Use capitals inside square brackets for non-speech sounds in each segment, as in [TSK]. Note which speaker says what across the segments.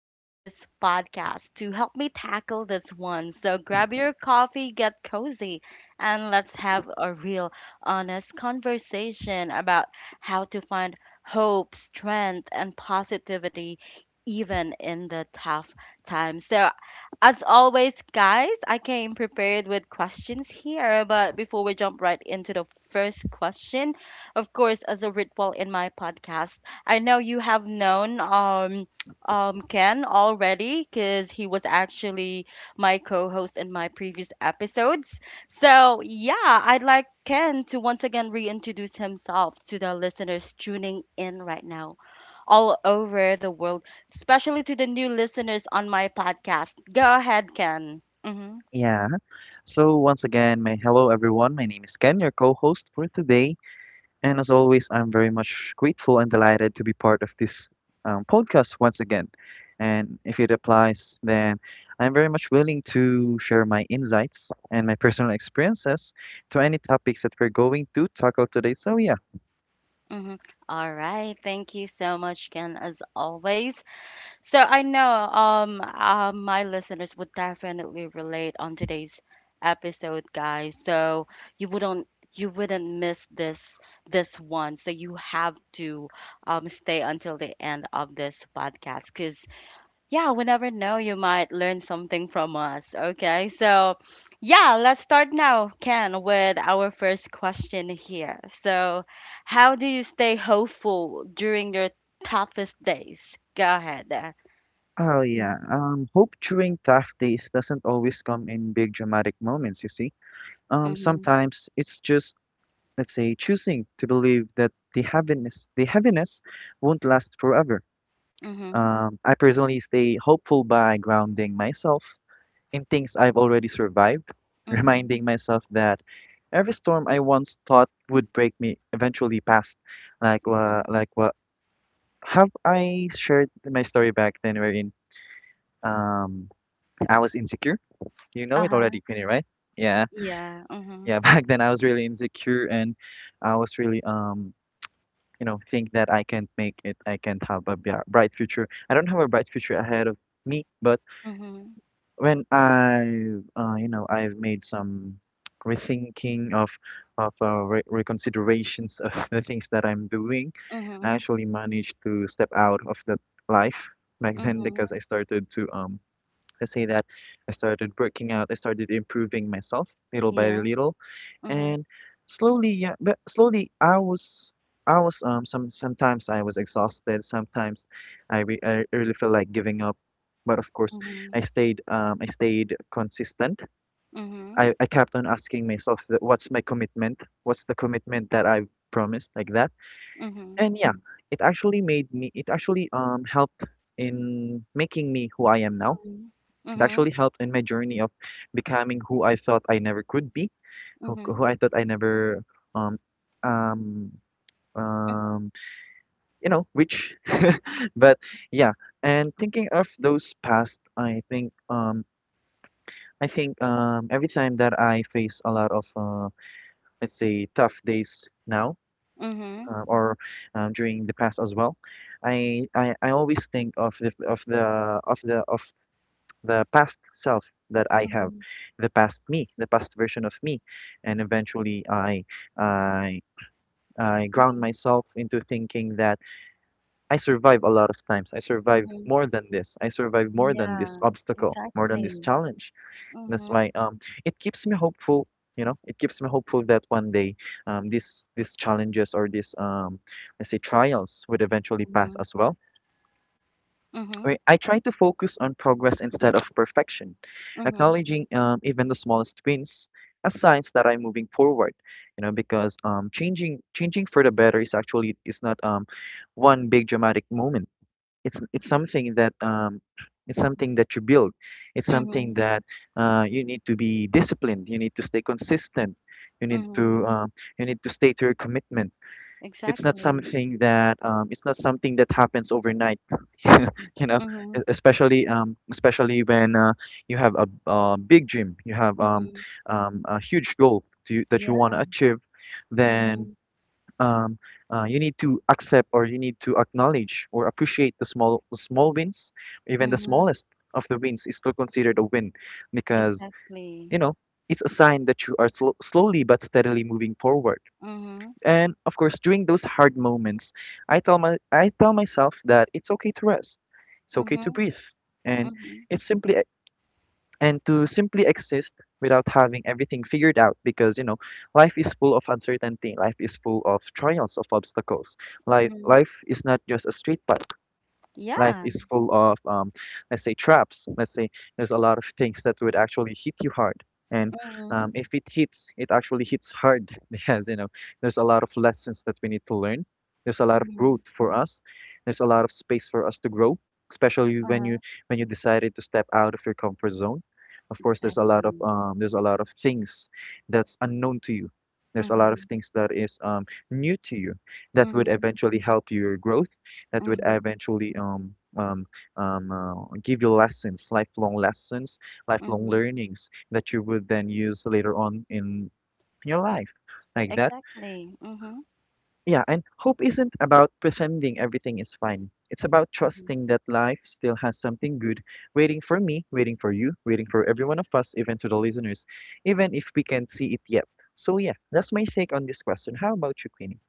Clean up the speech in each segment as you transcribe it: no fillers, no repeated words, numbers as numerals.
Speaker 1: on this podcast to help me tackle this one. So grab your coffee, get cozy, and let's have a real honest conversation about how to find hope, strength, and positivity even in the tough times. So, as always, guys, I came prepared with questions here, but before we jump right into the first question, of course, as a ritual in my podcast, I know you have known Ken already because he was actually my co-host in my previous episodes. So, yeah, I'd like Ken to once again reintroduce himself to the listeners tuning in right now, all over the world, especially to the new listeners on my podcast. Go ahead, Ken. Mm-hmm,
Speaker 2: Yeah. So once again, my hello everyone. My name is Ken, your co-host for today, and as always, I'm very much grateful and delighted to be part of this podcast once again. And if it applies, then I'm very much willing to share my insights and my personal experiences to any topics that we're going to tackle today. So yeah.
Speaker 1: mm-hmm. All right. Thank you so much, Ken, as always. So I know my listeners would definitely relate on today's episode, guys. So you wouldn't you wouldn't miss this one. So you have to stay until the end of this podcast because yeah, we never know you might learn something from us. Okay, so yeah, let's start now, Ken, with our first question here. So how do you stay hopeful during your toughest days? Go ahead.
Speaker 2: Oh yeah.
Speaker 1: Mm,
Speaker 2: Hope during tough days doesn't always come in big dramatic moments, you see.
Speaker 1: mhm,
Speaker 2: Sometimes it's, just let's say, choosing to believe that the happiness won't last forever.
Speaker 1: mhm,
Speaker 2: I personally stay hopeful by grounding myself in things I've already survived, [LAUGHS]
Speaker 1: mhm,
Speaker 2: reminding myself that every storm I once thought would break me eventually passed.
Speaker 1: mhm.
Speaker 2: Like what, have I shared my story back then wherein um I was insecure? You know it
Speaker 1: Uh-huh,
Speaker 2: already, Queenie, right? Yeah.
Speaker 1: yeah, mhm,
Speaker 2: Yeah, [LAUGHS] back then I was really insecure, and I was really you know, think that I can't make it, I can't have a bright future. I don't have a bright future ahead of me, but
Speaker 1: mhm,
Speaker 2: when I, you know, I've made some [TSK] rethinking of re reconsiderations [LAUGHS] of the things that I'm doing, I
Speaker 1: mhm,
Speaker 2: actually managed to step out of that life back [LAUGHS] then,
Speaker 1: mhm,
Speaker 2: because I started to Let's say that I started working out, I started improving myself little by
Speaker 1: yeah,
Speaker 2: little,
Speaker 1: mhm,
Speaker 2: and slowly, yeah, but slowly I was sometimes I was exhausted, sometimes I really felt like giving up, but of course
Speaker 1: mhm,
Speaker 2: I stayed I stayed consistent.
Speaker 1: mhm,
Speaker 2: I kept on asking myself, that what's my commitment? What's the commitment that I've promised, like that?
Speaker 1: mhm,
Speaker 2: And yeah, it actually made me, it actually helped in making me who I am now.
Speaker 1: mhm,
Speaker 2: It
Speaker 1: mhm,
Speaker 2: actually helped in my journey of becoming who I thought I never could be, who
Speaker 1: mhm,
Speaker 2: I thought I never um um um you know, reach. [LAUGHS] But yeah, and thinking of those past, I think every time that I face a lot of let's say tough days now.
Speaker 1: mhm,
Speaker 2: Or During the past as well, I always think of of the of the past self that I have,
Speaker 1: mhm,
Speaker 2: the past me, the past version of me, and eventually I I ground
Speaker 1: mhm,
Speaker 2: myself into thinking that I survive a lot of times. I survive
Speaker 1: mhm.
Speaker 2: more than this. I survive more than this
Speaker 1: Yeah,
Speaker 2: obstacle, more than this
Speaker 1: exactly.
Speaker 2: challenge. That's
Speaker 1: Mhm,
Speaker 2: why it keeps me hopeful. You know, it keeps me hopeful that one day these challenges or these let's say trials would eventually pass
Speaker 1: mhm,
Speaker 2: as well.
Speaker 1: mhm,
Speaker 2: Wait, I try to focus on progress instead of perfection,
Speaker 1: mhm,
Speaker 2: acknowledging even the smallest wins as signs that I'm moving forward. You know, because changing for the better is actually, is not one big dramatic moment. It's something that it's something that you build. It's something
Speaker 1: mhm,
Speaker 2: that you need to be disciplined. You need to stay consistent. You need to
Speaker 1: mhm,
Speaker 2: um, you need to stay to your commitment. It's not
Speaker 1: exactly.
Speaker 2: something that it's not something that happens overnight, [LAUGHS] you know.
Speaker 1: Mhm,
Speaker 2: Especially especially when you have a big dream, you have
Speaker 1: mhm,
Speaker 2: a huge goal that you want to
Speaker 1: yeah,
Speaker 2: achieve, then
Speaker 1: mhm,
Speaker 2: um, you need to accept or you need to acknowledge or appreciate the small wins. Even the
Speaker 1: mhm,
Speaker 2: smallest of the wins is still considered a win, because
Speaker 1: exactly.
Speaker 2: you know it's a sign that you are slowly but steadily moving forward.
Speaker 1: Mhm,
Speaker 2: And of course, during those hard moments, I tell myself that it's okay to rest. It's okay to
Speaker 1: mhm,
Speaker 2: breathe. And
Speaker 1: mhm.
Speaker 2: it's simply, and to simply exist without having everything figured out, because you know life is full of uncertainty, life is full of trials, of obstacles. life
Speaker 1: Mhm.
Speaker 2: life is not just a straight path. Life
Speaker 1: Yeah.
Speaker 2: is full of, let's say, traps. Let's say there's a lot of things that would actually hit you hard. And
Speaker 1: Mhm.
Speaker 2: if it hits, it actually hits hard, [LAUGHS] because, you know, there's a lot of lessons that we need to learn. There's a lot of
Speaker 1: Mhm.
Speaker 2: growth for us. There's a lot of space for us to grow, especially
Speaker 1: Uh-huh.
Speaker 2: when you decided to step out of your comfort zone. Of course, there's a lot of
Speaker 1: Exactly.
Speaker 2: there's a lot of things that's unknown to you. There's a lot of
Speaker 1: Mhm.
Speaker 2: things that is new to you, that would
Speaker 1: Mhm.
Speaker 2: eventually help your growth, that would
Speaker 1: Mhm.
Speaker 2: eventually give you lessons, lifelong
Speaker 1: Mhm.
Speaker 2: learnings that you would then use later on in your life, like that.
Speaker 1: Exactly. Mhm.
Speaker 2: Yeah, and hope isn't about pretending everything is fine. It's about
Speaker 1: Mhm.
Speaker 2: trusting that life still has something good waiting for me, waiting for you, waiting for every one of us, even to the listeners, even if we can't see it yet. So yeah, that's my take on this question. How about you, Queenie?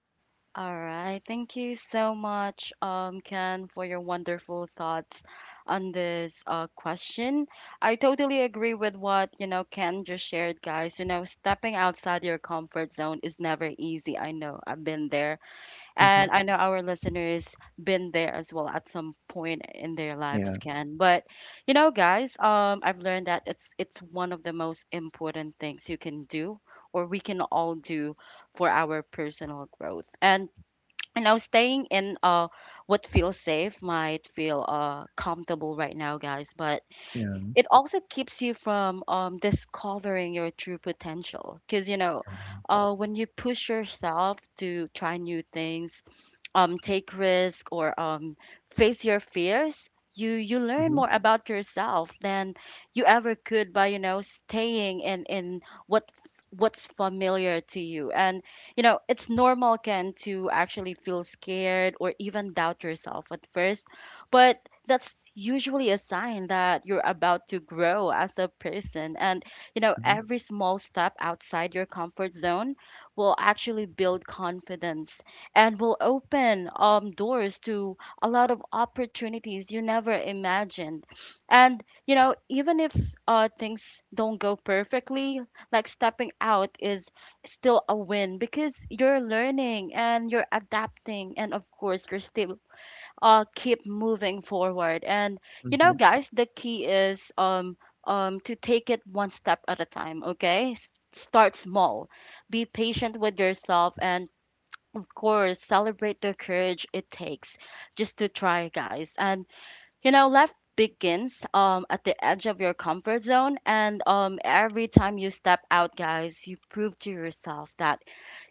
Speaker 1: All right. Thank you so much, Ken, for your wonderful thoughts on this question. I totally agree with what, you know, Ken just shared, guys. You know, stepping outside your comfort zone is never easy. I know. I've been there.
Speaker 2: Mm-hmm.
Speaker 1: And I know our listeners been there as well at some point in their lives,
Speaker 2: Yeah,
Speaker 1: Ken. But you know, guys, I've learned that it's one of the most important things you can do or we can all do for our personal growth. And you know, staying in what feels safe might feel comfortable right now, guys, but
Speaker 2: yeah.
Speaker 1: it also keeps you from discovering your true potential. Cause you know, when you push yourself to try new things take risk or face your fears you learn
Speaker 2: Mm-hmm.
Speaker 1: more about yourself than you ever could by you know staying in what what's familiar to you and you know it's normal Ken to actually feel scared or even doubt yourself at first but that's usually a sign that you're about to grow as a person. And you know
Speaker 2: Mm-hmm.
Speaker 1: every small step outside your comfort zone will actually build confidence and will open doors to a lot of opportunities you never imagined. And, you know, even if things don't go perfectly, like stepping out is still a win because you're learning and you're adapting. And of course, you're still keep moving forward. And, you know,
Speaker 2: Mm-hmm.
Speaker 1: guys, the key is to take it one step at a time, okay? Start small, be patient with yourself, and of course, celebrate the courage it takes just to try, guys. And you know, life begins at the edge of your comfort zone and every time you step out, guys, you prove to yourself that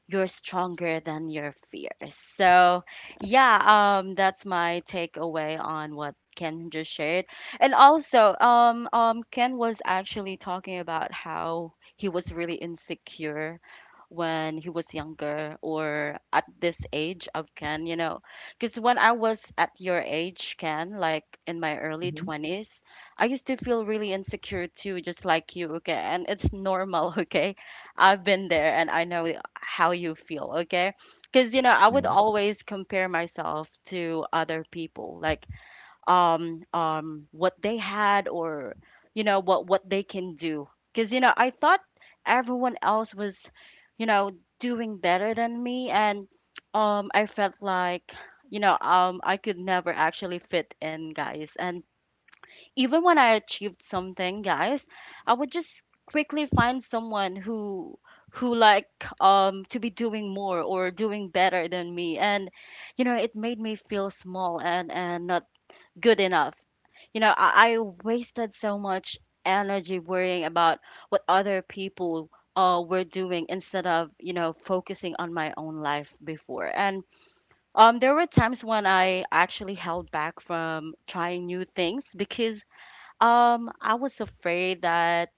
Speaker 1: you're stronger than your fears. So, yeah, that's my takeaway on what Ken just shared. And also, Ken was actually talking about how he was really insecure when he was younger or at this age of Ken, you know, because when I was at your age, Ken, like in my early
Speaker 2: Mm-hmm.
Speaker 1: 20s, I used to feel really insecure too, just like you, okay? And it's normal, [LAUGHS] okay? I've been there and I know how you feel, okay? Because you know, I would always compare myself to other people, like what they had or you know what they can do. Because you know, I thought everyone else was, you know, doing better than me, and I felt like you know I could never actually fit in, guys, and even when I achieved something, guys, I would just quickly find someone who to be doing more or doing better than me and you know it made me feel small and not good enough. You know I wasted so much energy worrying about what other people were doing instead of you know focusing on my own life before. And there were times when I actually held back from trying new things because I was afraid that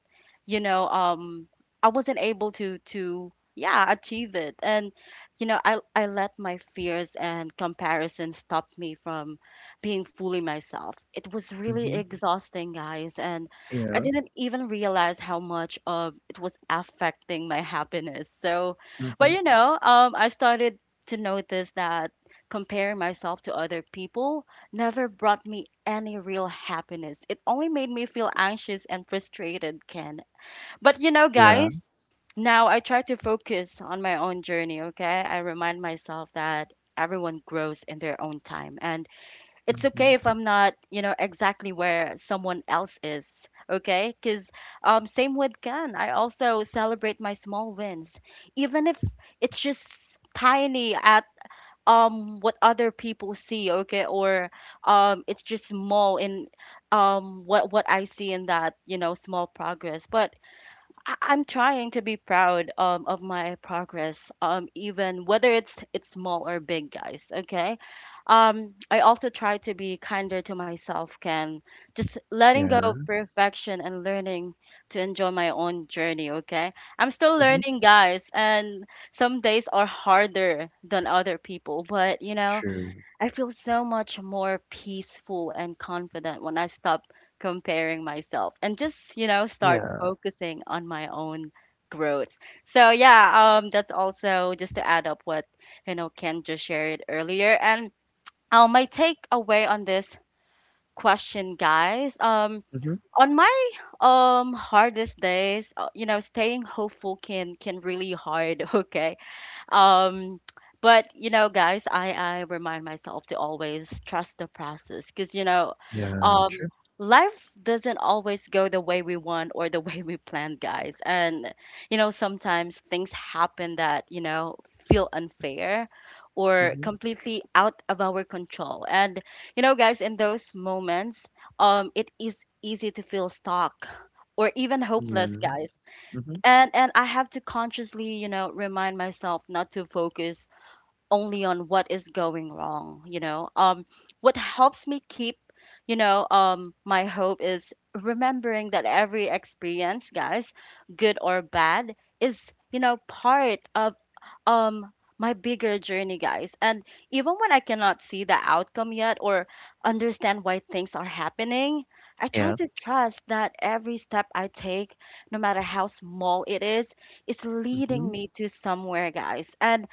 Speaker 1: you know I wasn't able to yeah achieve it. And you know I let my fears and comparison stop me from being fully myself. It was really
Speaker 2: Mhm.
Speaker 1: exhausting guys, and I
Speaker 2: Yeah.
Speaker 1: didn't even realize how much it was affecting my happiness. So but
Speaker 2: Mhm.
Speaker 1: you know I started to notice that comparing myself to other people never brought me any real happiness. It only made me feel anxious and frustrated, Ken. But you know,
Speaker 2: Yeah.
Speaker 1: guys, now I try to focus on my own journey, okay? I remind myself that everyone grows in their own time and it's
Speaker 2: Mhm.
Speaker 1: okay if I'm not, you know, exactly where someone else is, okay? Cuz same with Ken, I also celebrate my small wins, even if it's just tiny at what other people see, okay? Or it's just small in what I see in that, you know, small progress. But I'm trying to be proud of my progress, even whether it's small or big, guys. Okay, I also try to be kinder to myself, Ken. Just letting go of
Speaker 2: Yeah.
Speaker 1: perfection and learning to enjoy my own journey. Okay, I'm still
Speaker 2: Mhm.
Speaker 1: learning, guys, and some days are harder than other people, but you know,
Speaker 2: True.
Speaker 1: I feel so much more peaceful and confident when I stop comparing myself and just, you know, start
Speaker 2: Yeah.
Speaker 1: focusing on my own growth. So yeah, that's also just to add up what, you know, Ken just shared earlier. And my takeaway on this question, guys,
Speaker 2: Mhm.
Speaker 1: on my hardest days, you know, staying hopeful can really hard, [LAUGHS] okay? um but you know guys I remind myself to always trust the process because you know
Speaker 2: Yeah.
Speaker 1: um
Speaker 2: True.
Speaker 1: life doesn't always go the way we want or the [LAUGHS] way we planned guys. And you know sometimes things happen that you know feel unfair or
Speaker 2: Mhm.
Speaker 1: completely out of our control. And you know guys in those moments it is easy to feel stuck or even hopeless
Speaker 2: Yeah.
Speaker 1: guys.
Speaker 2: Mhm.
Speaker 1: And and I have to consciously you know remind myself not to focus only on what is going wrong. You know what helps me keep you know my hope is remembering that every experience guys, good or bad, is you know part of um my bigger journey, guys. And even when I cannot see the outcome yet or understand why things are happening, I try
Speaker 2: Yeah.
Speaker 1: to trust that every step I take, no matter how small it is leading
Speaker 2: Mhm.
Speaker 1: me to somewhere, guys. And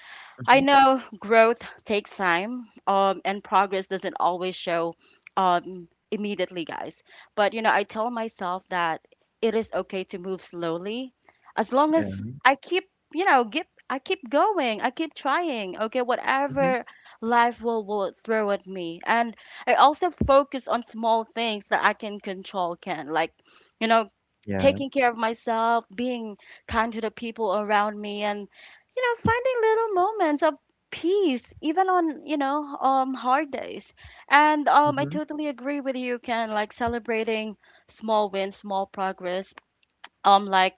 Speaker 1: I
Speaker 2: Mhm.
Speaker 1: know growth takes time, and progress doesn't always show immediately, guys. But you know, I tell myself that it is okay to move slowly, as long
Speaker 2: Yeah.
Speaker 1: as I keep, you know, I keep going, I keep trying. Okay,
Speaker 2: Mhm.
Speaker 1: whatever life will throw at me, and I also focus on small things that I can control. Can like, you know,
Speaker 2: Yeah.
Speaker 1: taking care of myself, being kind to the people around me, and you know finding little moments of peace even on you know hard days. And I
Speaker 2: Mhm.
Speaker 1: totally agree with you Ken, like celebrating small wins, small progress, like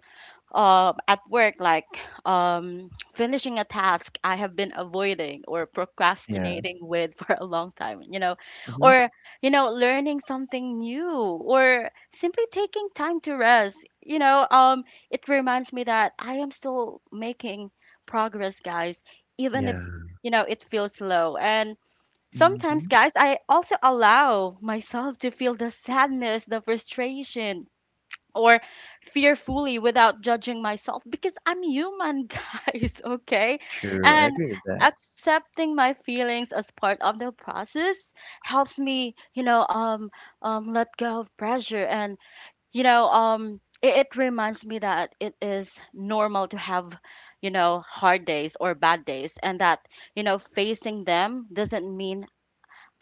Speaker 1: at work like um finishing a task I have been avoiding or
Speaker 2: Yeah.
Speaker 1: procrastinating with [LAUGHS] for a long time, you know,
Speaker 2: Mhm.
Speaker 1: or you know learning something new or simply taking time to rest. You know it reminds me that I am still making progress guys, even
Speaker 2: Yeah.
Speaker 1: if you know it feels slow. And sometimes
Speaker 2: Mhm.
Speaker 1: guys I also allow myself to feel the sadness, the frustration or fearfully without judging myself because I'm human, [LAUGHS] guys, okay?
Speaker 2: True. I
Speaker 1: And
Speaker 2: agree with that.
Speaker 1: accepting my feelings as part of the process helps me, you know, let go of pressure. And, you know, it reminds me that it is normal to have, you know, hard days or bad days and that, you know, facing them doesn't mean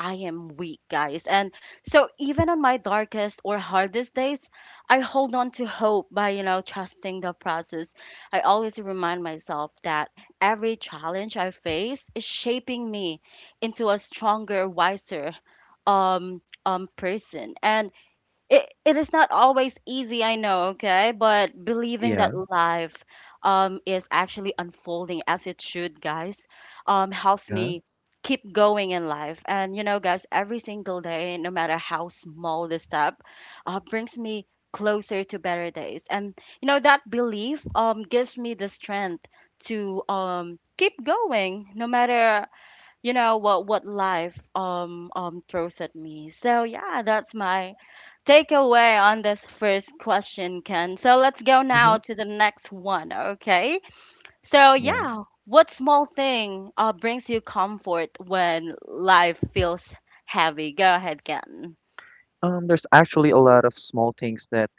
Speaker 1: I am weak, guys. And so even on my darkest or hardest days, I hold on to hope by, trusting the process. I always remind myself that every challenge I face is shaping me into a stronger, wiser person. And it is not always easy, I know, okay, but believing
Speaker 2: Yeah.
Speaker 1: that life is actually unfolding as it should, guys, helps
Speaker 2: Yeah.
Speaker 1: me keep going in life, and guys, every single day, no matter how small the step, brings me closer to better days. And that belief gives me the strength to keep going, no matter what life throws at me. So yeah, that's my takeaway on this first question, Ken. So let's go
Speaker 2: Mhm.
Speaker 1: now to the next one, okay? So
Speaker 2: Yeah.
Speaker 1: yeah, what small thing brings you comfort when life feels heavy? Go ahead, Ken.
Speaker 2: There's actually a lot of small things that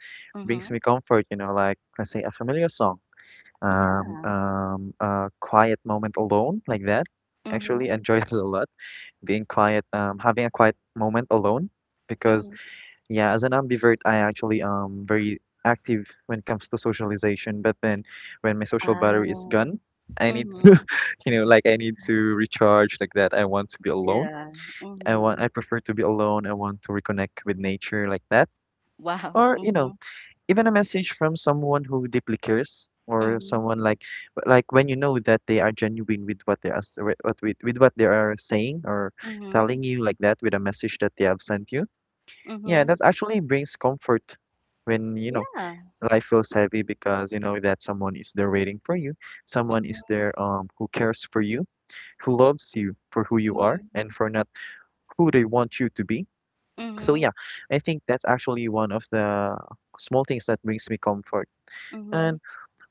Speaker 2: brings
Speaker 1: Mhm.
Speaker 2: me comfort, you know, like let's say a familiar song,
Speaker 1: Yeah.
Speaker 2: a quiet moment alone, like that. Actually [LAUGHS]
Speaker 1: Mhm.
Speaker 2: enjoy it a lot. Being quiet, having a quiet moment alone. Because
Speaker 1: Mhm.
Speaker 2: yeah, as an ambivert, I actually very active when it comes to socialization. But then, when my social battery is
Speaker 1: Ah.
Speaker 2: gone, I need [LAUGHS] to,
Speaker 1: Mhm.
Speaker 2: you know, like I need to recharge, like that. I want to be alone.
Speaker 1: Yeah.
Speaker 2: I want.
Speaker 1: Mhm.
Speaker 2: I prefer to be alone. I want to reconnect with nature, like that.
Speaker 1: Wow.
Speaker 2: Or you know,
Speaker 1: Mhm.
Speaker 2: even a message from someone who deeply cares, or
Speaker 1: Mhm.
Speaker 2: someone like, when you know that they are genuine with what they are with what they are saying or
Speaker 1: Mhm.
Speaker 2: telling you, like that, with a message that they have sent you, yeah,
Speaker 1: Mhm.
Speaker 2: that actually brings comfort when you know
Speaker 1: Yeah.
Speaker 2: life feels heavy, because you know that someone is there waiting for you, someone is
Speaker 1: Mhm.
Speaker 2: there who cares for you, who loves you for who you are
Speaker 1: Mhm.
Speaker 2: and for not who they want you to be. So
Speaker 1: Mhm,
Speaker 2: yeah, I think that's actually one of the small things that brings me comfort.
Speaker 1: mhm,
Speaker 2: And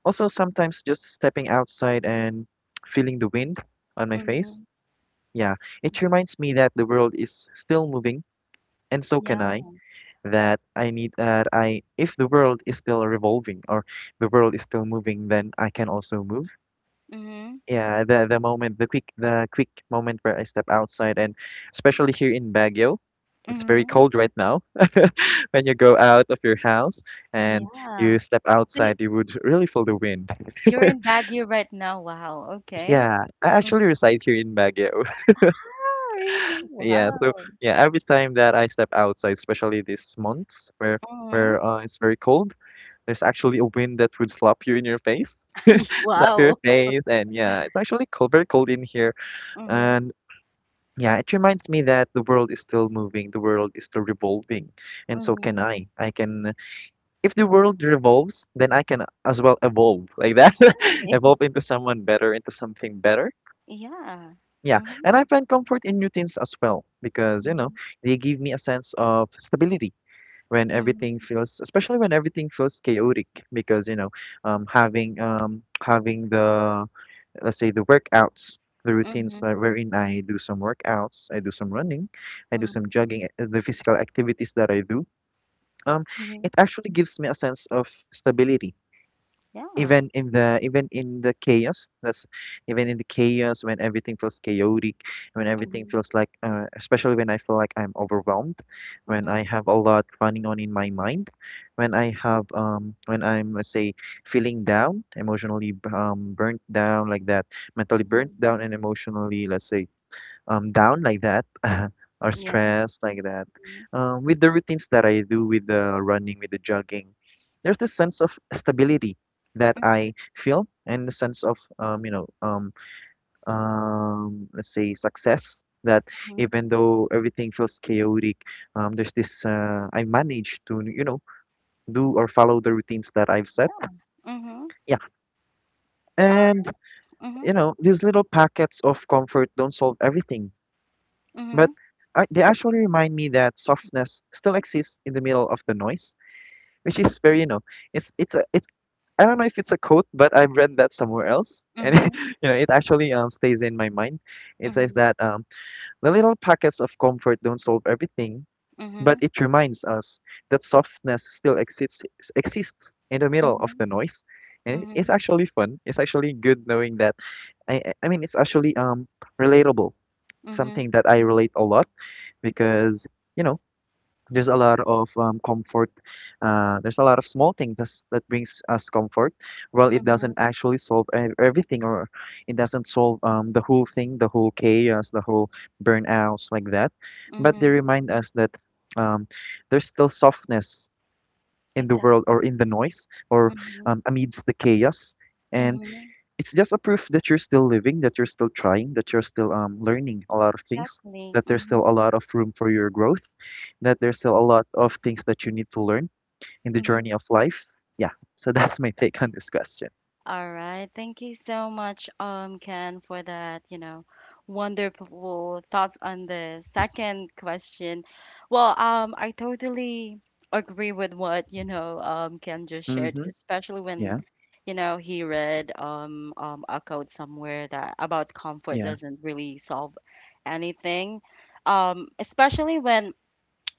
Speaker 2: also, sometimes just stepping outside and feeling the wind on my face.
Speaker 1: mhm,
Speaker 2: Yeah, it
Speaker 1: mhm.
Speaker 2: reminds me that the world is still moving, and so can
Speaker 1: Yeah.
Speaker 2: I. That I need that I If the world is still revolving or the world is still moving, then I can also move.
Speaker 1: Mhm,
Speaker 2: Yeah, the moment, the quick moment where I step outside, and especially here in Baguio, it's very
Speaker 1: mhm.
Speaker 2: cold right now. [LAUGHS] When you go out of your house and you
Speaker 1: Yeah.
Speaker 2: step
Speaker 1: So y
Speaker 2: outside, you would really feel the wind.
Speaker 1: you're in
Speaker 2: [LAUGHS]
Speaker 1: Baguio right now. Wow, okay.
Speaker 2: Yeah, I
Speaker 1: Mm.
Speaker 2: actually reside here in Baguio. [LAUGHS]
Speaker 1: Ah, really?
Speaker 2: Yeah, so
Speaker 1: Wow.
Speaker 2: yeah, every time that I step outside, especially this months where
Speaker 1: Mhm.
Speaker 2: it's very cold, there's actually a wind that would slap you in your face,
Speaker 1: [LAUGHS]
Speaker 2: [LAUGHS] slap your
Speaker 1: Wow.
Speaker 2: face, and yeah, it's actually cold, very cold in here.
Speaker 1: Mhm,
Speaker 2: And yeah, it reminds me that the world is still moving, the world is still revolving, and so can
Speaker 1: mhm.
Speaker 2: I. I can, if the world revolves, then I can as well evolve, like that, [LAUGHS]
Speaker 1: Exactly.
Speaker 2: evolve
Speaker 1: [LAUGHS]
Speaker 2: into someone better, into something better.
Speaker 1: Yeah.
Speaker 2: Yeah,
Speaker 1: Mhm,
Speaker 2: and I find comfort in routines as well because, you know,
Speaker 1: mhm,
Speaker 2: they give me a sense of stability when
Speaker 1: mhm,
Speaker 2: everything feels, especially when everything feels chaotic, because, you know, having the, let's say, the workouts, the routines
Speaker 1: mhm,
Speaker 2: wherein I do some workouts, I do some running, I do some
Speaker 1: mhm,
Speaker 2: jogging, the physical activities that I do, um,
Speaker 1: mhm.
Speaker 2: it actually gives me a sense of stability
Speaker 1: Yeah.
Speaker 2: even in the chaos that's even in the chaos, when everything feels chaotic, when everything
Speaker 1: Mhm,
Speaker 2: feels like especially when I feel like I'm overwhelmed, when
Speaker 1: mhm,
Speaker 2: I have a lot running on in my mind, when I have when I'm, let's say, feeling down emotionally, burnt down, like that, mentally burnt
Speaker 1: mhm.
Speaker 2: down and emotionally, let's say, down, like that, [LAUGHS] or
Speaker 1: Yeah.
Speaker 2: stressed, like that.
Speaker 1: Mhm,
Speaker 2: With the routines that I do, with the running, with the jogging, there's this sense of stability that
Speaker 1: mhm,
Speaker 2: I feel, and the sense of let's say success, that
Speaker 1: mhm,
Speaker 2: even though everything feels chaotic, there's this I manage to, you know, do or follow the routines that I've set.
Speaker 1: mhm.
Speaker 2: Yeah,
Speaker 1: Alright.
Speaker 2: and
Speaker 1: Mhm,
Speaker 2: you know these little packets of comfort don't solve everything. But
Speaker 1: mhm,
Speaker 2: I, they actually remind me that softness still exists in the middle of the noise, which is very, it's I don't know if it's a quote, but I've read that somewhere else, and [LAUGHS]
Speaker 1: mhm,
Speaker 2: it actually stays in my mind. It says
Speaker 1: mhm,
Speaker 2: that the little packets of comfort don't solve everything, but
Speaker 1: mhm.
Speaker 2: it reminds us that softness still exists in the middle
Speaker 1: Mhm,
Speaker 2: of the noise. And
Speaker 1: mhm,
Speaker 2: it's actually fun. It's actually good knowing that. I mean, it's actually relatable,
Speaker 1: mhm,
Speaker 2: something that I relate a lot because you know there's a lot of comfort, there's a lot of small things that brings us comfort. Well, it doesn't
Speaker 1: mhm,
Speaker 2: actually solve everything, or it doesn't solve the whole thing, the whole chaos, the whole burnouts like that, but they
Speaker 1: mhm,
Speaker 2: remind us that um, there's still softness in the world
Speaker 1: exactly.
Speaker 2: or in the noise or
Speaker 1: Mhm,
Speaker 2: amidst the chaos, and
Speaker 1: mhm,
Speaker 2: it's just a proof that you're still living, that you're still trying, that you're still learning a lot of things,
Speaker 1: exactly.
Speaker 2: that there's still a
Speaker 1: Mhm,
Speaker 2: lot of room for your growth, that there's still a lot of things that you need to learn in the
Speaker 1: mhm.
Speaker 2: journey of life. Yeah. So [LAUGHS] that's my take on this question.
Speaker 1: All right. Thank you so much, Ken, for that, wonderful thoughts on the second question. Well, I totally agree with what, Ken just shared,
Speaker 2: Mm-hmm.
Speaker 1: especially when,
Speaker 2: Yeah.
Speaker 1: he read a quote somewhere that about comfort
Speaker 2: Yeah.
Speaker 1: doesn't really solve anything. Especially when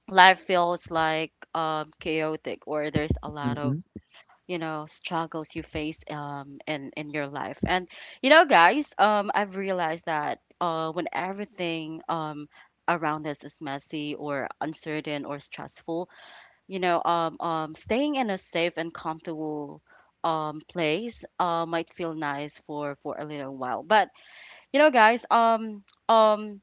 Speaker 1: life feels like chaotic, or there's a lot of
Speaker 2: Mm-hmm.
Speaker 1: struggles you face in your life, and guys, I've realized that when everything around us is messy or uncertain or stressful. Staying in a safe and comfortable place might feel nice for a little while, but guys, um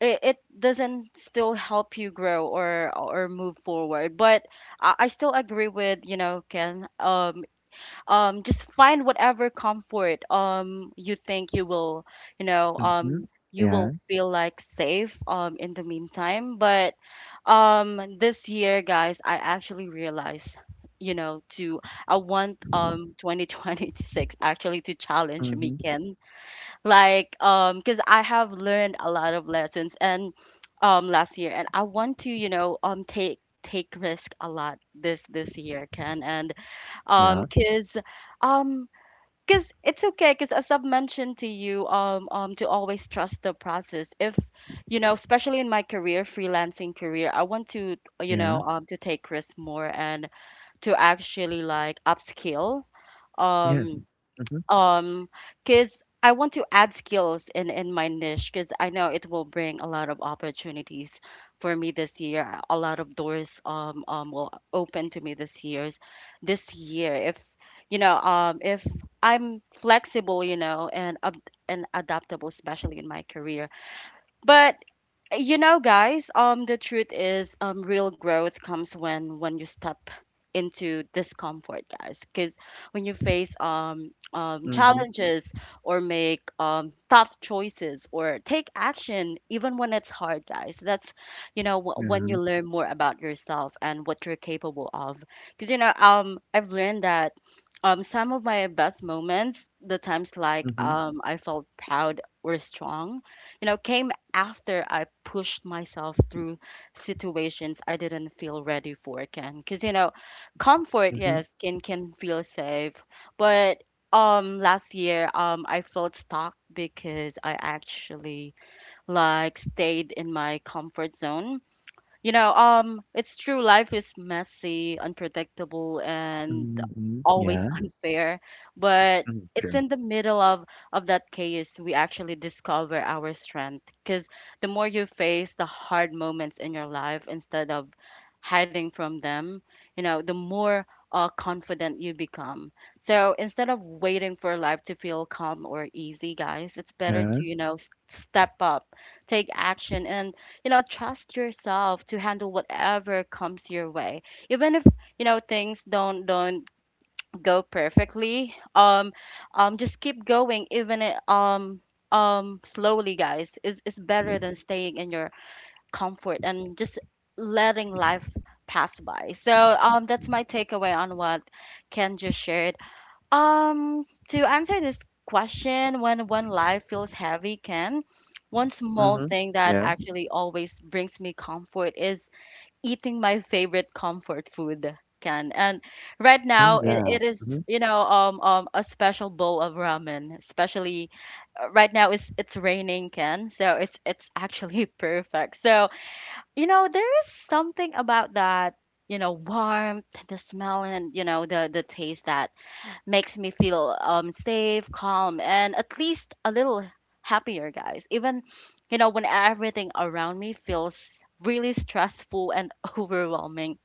Speaker 1: it doesn't still help you grow or move forward. But I still agree with, Ken. Just find whatever comfort you think
Speaker 2: Mm-hmm.
Speaker 1: you
Speaker 2: Yeah.
Speaker 1: will feel like safe in the meantime, but this year, guys, I actually realized, to I want [LAUGHS] 2026 actually to challenge me,
Speaker 2: Mm-hmm.
Speaker 1: Ken, like, because I have learned a lot of lessons and last year, and I want to, you know, um, take take risk a lot this, year, Ken. And um
Speaker 2: Yeah.
Speaker 1: because um because it's okay, because as I've mentioned to you, to always trust the process. If, especially in my career, freelancing career, I want to,
Speaker 2: Yeah.
Speaker 1: take risks more, and to actually like upskill,
Speaker 2: Yeah.
Speaker 1: um
Speaker 2: Mm-hmm.
Speaker 1: um because I want to add skills in my niche, because I know it will bring a lot of opportunities for me this year, a lot of doors will open to me this year's this year, if if I'm flexible, and and adaptable, especially in my career. But guys, the truth is, real growth comes when you step into discomfort, guys. Because when you face
Speaker 2: Mm-hmm.
Speaker 1: challenges or make tough choices or take action, even when it's hard, guys. That's, when you
Speaker 2: Yeah.
Speaker 1: learn more about yourself and what you're capable of. Because, I've learned that. Some of my best moments, the times, like
Speaker 2: Mm-hmm.
Speaker 1: I felt proud or strong, came after I pushed myself through situations I didn't feel ready for, Ken. Because, comfort,
Speaker 2: Mm-hmm.
Speaker 1: yes, can feel safe, but last year I felt stuck because I actually like stayed in my comfort zone. It's true. Life is messy, unpredictable, and
Speaker 2: Mm-hmm.
Speaker 1: always
Speaker 2: Yeah.
Speaker 1: [LAUGHS] unfair. But
Speaker 2: Mm-hmm.
Speaker 1: it's
Speaker 2: Sure.
Speaker 1: in the middle of that chaos we actually discover our strength. Because the more you face the hard moments in your life instead of hiding from them, the more confident you become. So instead of waiting for life to feel calm or easy, guys, it's better
Speaker 2: Yeah.
Speaker 1: to, step up, take action, and trust yourself to handle whatever comes your way, even if, things don't go perfectly. Just keep going, even it, slowly, guys, is better than staying in your comfort and just letting life pass by. So that's my takeaway on what Ken just shared, to answer this question, when one life feels heavy, Ken, one small
Speaker 2: Mm-hmm.
Speaker 1: thing that
Speaker 2: Yeah.
Speaker 1: actually always brings me comfort is eating my favorite comfort food, Ken. And right
Speaker 2: Oh
Speaker 1: now, it,
Speaker 2: yeah.
Speaker 1: it is,
Speaker 2: Mm-hmm.
Speaker 1: a special bowl of ramen, especially right now it's raining, Ken, so it's actually [LAUGHS] perfect. So, there is something about that, warmth, the smell, and, the taste that makes me feel safe, calm, and at least a little happier, guys. Even, when everything around me feels really stressful and [LAUGHS] overwhelming.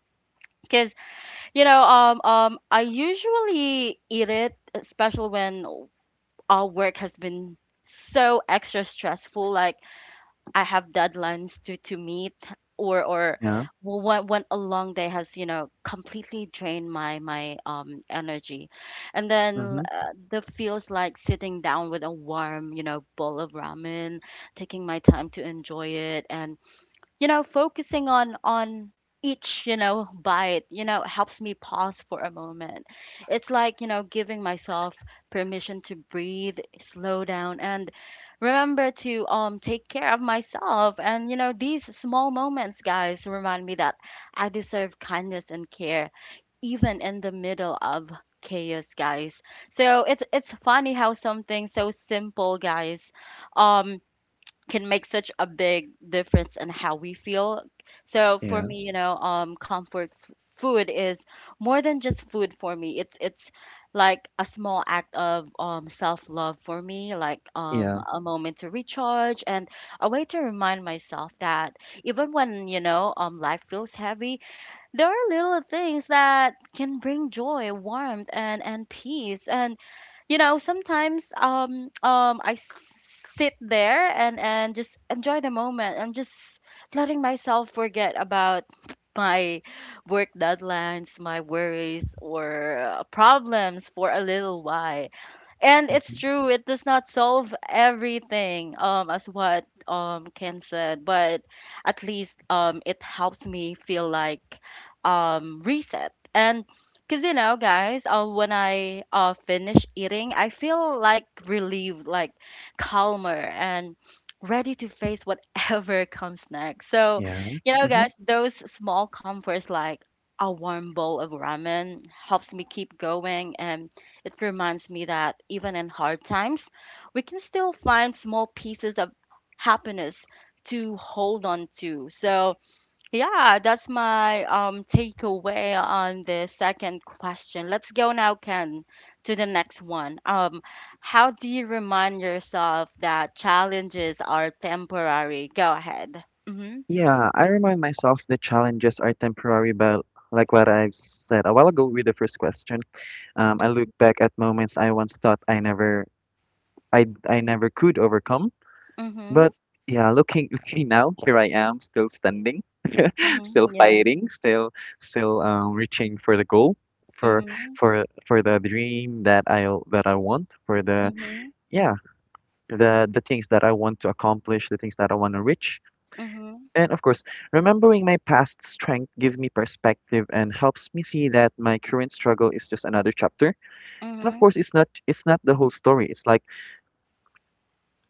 Speaker 1: Cause, I usually eat it, especially when our work has been so extra stressful. Like I have deadlines to meet, or,
Speaker 2: Yeah.
Speaker 1: when, a long day has, completely drained my energy. And then
Speaker 2: Mm-hmm.
Speaker 1: the feels like sitting down with a warm, bowl of ramen, taking my time to enjoy it, and, focusing on each, bite, helps me pause for a moment. It's like, giving myself permission to breathe, slow down, and remember to take care of myself. And, these small moments, guys, remind me that I deserve kindness and care even in the middle of chaos, guys. So it's funny how something so simple, guys, um can make such a big difference in how we feel. So for
Speaker 2: Yeah.
Speaker 1: me, comfort food is more than just food for me. It's like a small act of, self love for me, like,
Speaker 2: Yeah.
Speaker 1: a moment to recharge and a way to remind myself that even when, life feels heavy, there are little things that can bring joy, warmth, and peace. And, sometimes I sit there and just enjoy the moment and just letting myself forget about my work deadlines, my worries or problems for a little while. And it's
Speaker 2: Mm-hmm.
Speaker 1: true, it does not solve everything, as what Ken said, but at least it helps me feel like reset. And because, guys, when I finish eating, I feel like relieved, like calmer, and ready to face whatever [LAUGHS] comes next. So,
Speaker 2: Yeah. Mhm.
Speaker 1: guys, those small comforts like a warm bowl of ramen helps me keep going, and it reminds me that, even in hard times, we can still find small pieces of happiness to hold on to. So, yeah, that's my takeaway on the second question. Let's go now, Ken, to the next one. How do you remind yourself that challenges are temporary? Go ahead. Mm-hmm.
Speaker 2: Yeah, I remind myself that challenges are temporary, but like what I've said a while ago with the first question, I look back at moments I once thought I never could overcome.
Speaker 1: Mm-hmm.
Speaker 2: But yeah, looking, [LAUGHS] looking now, here I am, still standing, [LAUGHS]
Speaker 1: Mm-hmm.
Speaker 2: still
Speaker 1: Yeah.
Speaker 2: fighting, still, still reaching for the goal, for,
Speaker 1: Mm-hmm.
Speaker 2: for the dream that I want, for the,
Speaker 1: Mm-hmm.
Speaker 2: yeah, the things that I want to accomplish, the things that I want to reach.
Speaker 1: Mm-hmm.
Speaker 2: And of course, remembering my past strength gives me perspective and helps me see that my current struggle is just another chapter. And of
Speaker 1: Mm-hmm.
Speaker 2: course, it's not the whole story. It's like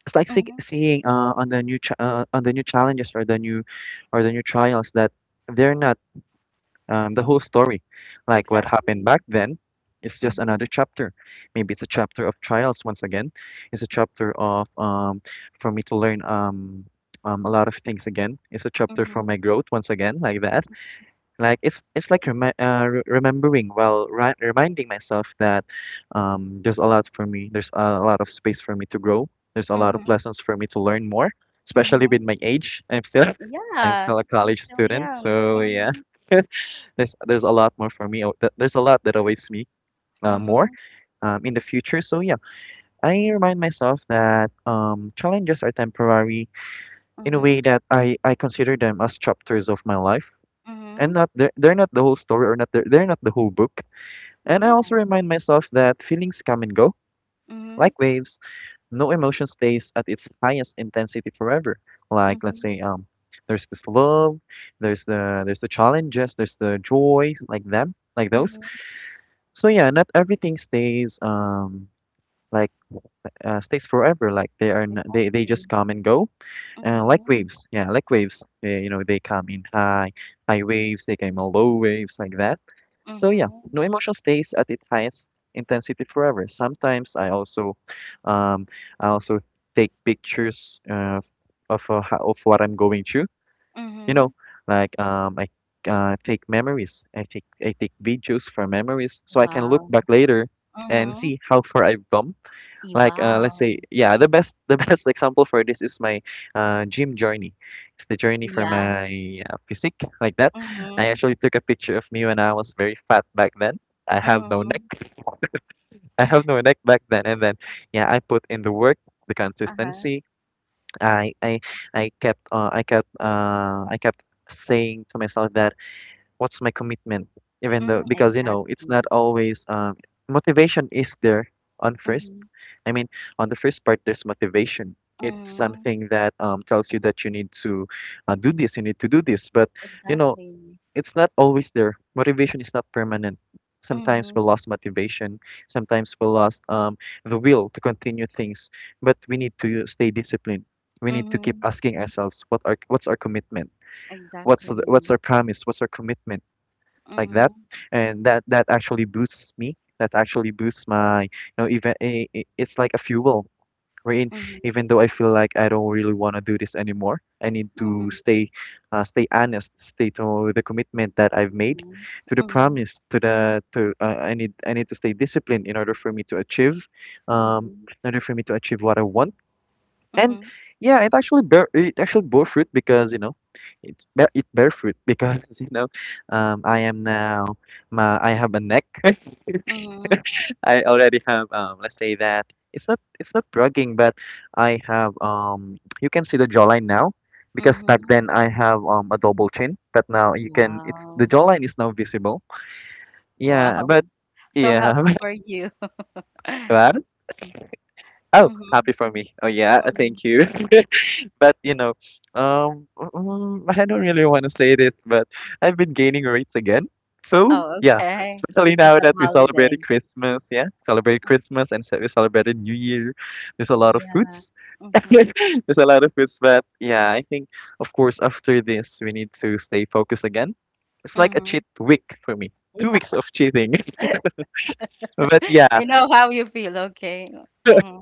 Speaker 1: Mm-hmm.
Speaker 2: seeing on the new challenges or the new trials that they're not the whole story. Like what happened
Speaker 1: Exactly.
Speaker 2: back then, it's just another
Speaker 1: Mhm,
Speaker 2: chapter. Maybe it's a chapter of trials once again. It's a chapter of for me to learn a lot of things again. It's a chapter for
Speaker 1: mhm,
Speaker 2: my growth once again, like that. Like it's like remi re remembering while ri reminding myself that there's a lot for me. There's a lot of space for me to grow. There's a lot of
Speaker 1: mhm,
Speaker 2: lessons for me to learn more, especially
Speaker 1: mhm.
Speaker 2: with my age. I'm still [LAUGHS] I'm
Speaker 1: Yeah,
Speaker 2: still a
Speaker 1: you're
Speaker 2: college
Speaker 1: still
Speaker 2: student,
Speaker 1: young.
Speaker 2: so yeah.
Speaker 1: Mhm,
Speaker 2: [LAUGHS] There's a lot more for me. Oh, there's a lot that awaits me,
Speaker 1: mhm,
Speaker 2: more in the future. So yeah, I remind myself that challenges are temporary in a
Speaker 1: mhm,
Speaker 2: way that I consider them as chapters of my life
Speaker 1: mhm.
Speaker 2: and not they're, they're not the whole story, or not they're, they're not the whole book. And I
Speaker 1: Yeah.
Speaker 2: also remind myself that feelings come and go
Speaker 1: Mhm,
Speaker 2: like waves. No emotion stays at its highest intensity forever. Like let's
Speaker 1: mhm,
Speaker 2: say there's this love, there's the challenges, there's the joy, like them, like those.
Speaker 1: mhm.
Speaker 2: So yeah, not everything stays like stays forever. Like they are, they
Speaker 1: Exactly.
Speaker 2: just come and go, like
Speaker 1: Mhm,
Speaker 2: waves. Yeah, like waves. They, you know, they come in high waves. They come in low
Speaker 1: mhm,
Speaker 2: waves like that. So yeah,
Speaker 1: mhm,
Speaker 2: no emotion stays at its highest intensity forever. Sometimes um, I also take pictures of what I'm going through. You
Speaker 1: mhm.
Speaker 2: know, like I take memories. I take videos for memories, so I can look
Speaker 1: Wow.
Speaker 2: back later and
Speaker 1: Mhm.
Speaker 2: see how far I've come. Like let's
Speaker 1: Wow.
Speaker 2: say, yeah, the best [LAUGHS] the best example for this is my gym journey. It's the journey for
Speaker 1: Yeah.
Speaker 2: my physique like that. I
Speaker 1: Mhm,
Speaker 2: actually took a picture of me when I was very fat back then. I have no neck.
Speaker 1: mhm.
Speaker 2: [LAUGHS] I have no neck back then, and then yeah, I put in the work, the
Speaker 1: Uh-huh.
Speaker 2: consistency. I I I kept I kept I kept saying to myself that what's my commitment, even
Speaker 1: Mhm.
Speaker 2: though, because you know, it's not
Speaker 1: Exactly.
Speaker 2: always motivation is there on first.
Speaker 1: Mhm,
Speaker 2: I mean, on the first part there's motivation. It's
Speaker 1: mhm.
Speaker 2: something that tells you that you need to do this, you need to do this. But you know,
Speaker 1: Exactly.
Speaker 2: it's not always there. Motivation is not permanent. Sometimes we
Speaker 1: Mhm,
Speaker 2: lost motivation, sometimes we lost the will to continue things, but we need to stay disciplined. We need to keep
Speaker 1: mhm.
Speaker 2: asking ourselves what's our commitment, what's
Speaker 1: Exactly.
Speaker 2: our promise, what's our commitment, like that.
Speaker 1: Mhm,
Speaker 2: And that actually boosts me, that actually boosts my, you know, even, it's like a fuel, wherein
Speaker 1: mhm,
Speaker 2: even though I feel like I don't really want to do this anymore, I need to
Speaker 1: mhm.
Speaker 2: stay, stay honest, stay to the commitment that I've made,
Speaker 1: Mhm,
Speaker 2: to the
Speaker 1: mhm,
Speaker 2: promise, to the to I need, to stay disciplined in order for me to achieve um
Speaker 1: mhm,
Speaker 2: in order for me to achieve what I want. And
Speaker 1: mhm,
Speaker 2: yeah, it actually bore fruit because you know, it bear fruit because [LAUGHS] you know, I am now, my I have a neck. [LAUGHS]
Speaker 1: mhm,
Speaker 2: I already have let's say that, it's not bragging, but I have you can see the jawline now, because back
Speaker 1: mhm.
Speaker 2: then I have a double chin, but now you can, it's the
Speaker 1: Wow,
Speaker 2: jawline is now visible. Yeah,
Speaker 1: wow.
Speaker 2: but
Speaker 1: So
Speaker 2: yeah,
Speaker 1: happy for you. [LAUGHS]
Speaker 2: [LAUGHS] wow. Oh,
Speaker 1: Mhm,
Speaker 2: happy for me. Oh yeah, [LAUGHS]
Speaker 1: mhm.
Speaker 2: thank you. [LAUGHS] But you know, I don't really want to say this, but I've been gaining weights again. So
Speaker 1: Oh,
Speaker 2: yeah,
Speaker 1: okay.
Speaker 2: especially
Speaker 1: Because
Speaker 2: now
Speaker 1: of
Speaker 2: that we
Speaker 1: holiday.
Speaker 2: celebrated Christmas. Yeah, celebrated Christmas, and so we celebrated New Year. There's a lot of
Speaker 1: Yeah.
Speaker 2: foods. [LAUGHS]
Speaker 1: Mhm,
Speaker 2: There's a lot of foods, but yeah, I think of course after this we need to stay focused again. It's like a
Speaker 1: mhm.
Speaker 2: cheat week for me. 2 weeks
Speaker 1: [LAUGHS]
Speaker 2: of cheating,
Speaker 1: Yeah.
Speaker 2: [LAUGHS] but yeah.
Speaker 1: I know how you feel. Okay. Mhm.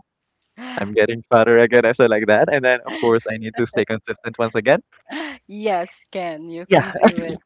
Speaker 2: I'm
Speaker 1: [GASPS]
Speaker 2: getting fatter again, and so like that. And then, of course, I need to stay consistent once again.
Speaker 1: Yes, can. You can
Speaker 2: Yeah,
Speaker 1: do it.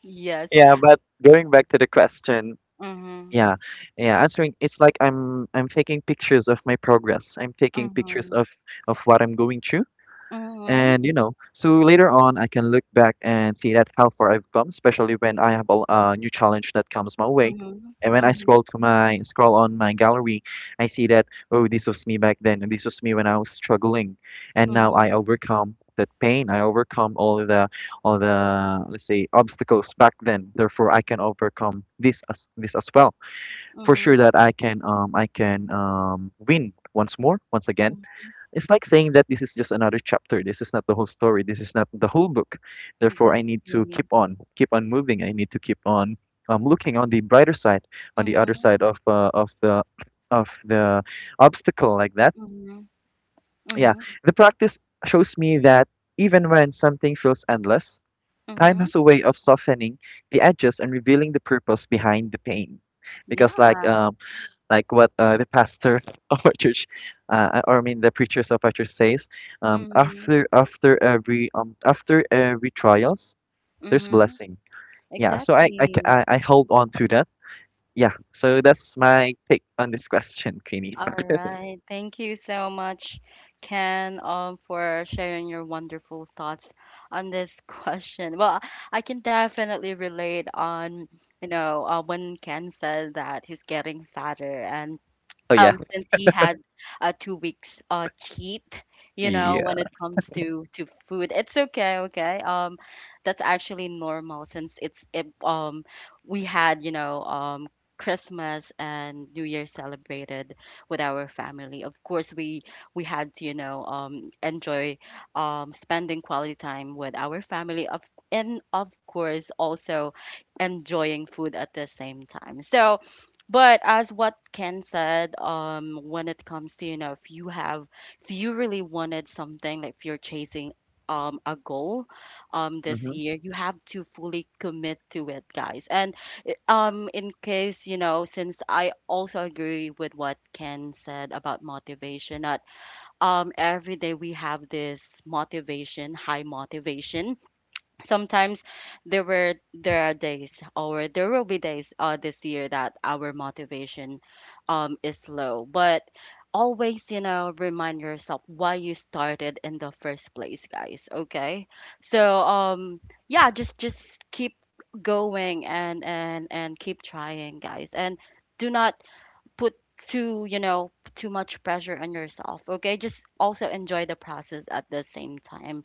Speaker 1: Yes.
Speaker 2: yeah. But going back to the question,
Speaker 1: Mhm,
Speaker 2: yeah, yeah, answering, it's like I'm taking pictures of my progress. I'm taking pictures
Speaker 1: mhm,
Speaker 2: of what I'm going through.
Speaker 1: mhm,
Speaker 2: And you know, so later on, I can look back and see that how far I've come, especially when I have a new challenge that comes my way.
Speaker 1: mhm,
Speaker 2: And when I
Speaker 1: mhm,
Speaker 2: scroll on my gallery, I see that, oh, this was me back then, and this was me when I was struggling, and now
Speaker 1: mhm,
Speaker 2: I overcome that pain. I overcome all the let's say obstacles back then. Therefore, I can overcome this as well. For sure
Speaker 1: mhm,
Speaker 2: that I can win once again.
Speaker 1: mhm.
Speaker 2: It's like saying that this is just another chapter. This is not the whole story. This is not the whole book. Therefore, I need to keep
Speaker 1: Exactly.
Speaker 2: on, keep on moving. I need to keep on looking on the brighter side, on the other
Speaker 1: Mhm.
Speaker 2: side of of the obstacle like that.
Speaker 1: Mhm,
Speaker 2: Yeah,
Speaker 1: mhm,
Speaker 2: the practice shows me that even when something feels endless, time
Speaker 1: mhm.
Speaker 2: has a way of softening the edges and revealing the purpose behind the pain. Because
Speaker 1: Yeah.
Speaker 2: like what the pastor [LAUGHS] of our church, or I mean the preachers of our church says, um,
Speaker 1: Mhm,
Speaker 2: after after every um after every trials, there's
Speaker 1: mhm.
Speaker 2: blessing. Yeah, so I I ca-
Speaker 1: Exactly.
Speaker 2: I, I hold on to that. Yeah, so that's my take on this question, Queenie.
Speaker 1: All right. Thank you so much, Ken, for sharing your wonderful thoughts on this [LAUGHS] question. Well, I can definitely relate on, when Ken said that he's getting fatter, and
Speaker 2: Oh yeah,
Speaker 1: since he had 2 weeks cheat, when it
Speaker 2: yeah.
Speaker 1: comes to food, it's okay, okay, that's actually normal, since we had, Christmas and New Year celebrated with our family. Of course, we had to, enjoy, spending quality time with our family. Of and of course also enjoying food at the same time. So but as what Ken said, when it comes to, if you have, if you really wanted something, like if you're chasing a goal this
Speaker 2: Mhm,
Speaker 1: year, you have to fully commit to it, guys. And in case, you know, since I also agree with what Ken said about motivation, that every day we have this motivation, high motivation sometimes there are days or there will be days this year that our motivation is low, but always, you know, remind yourself why you started in the first place, guys. Okay, so, yeah, just keep going, and keep trying, guys, and do not put too much pressure on yourself. Okay, just also enjoy the process at the same time.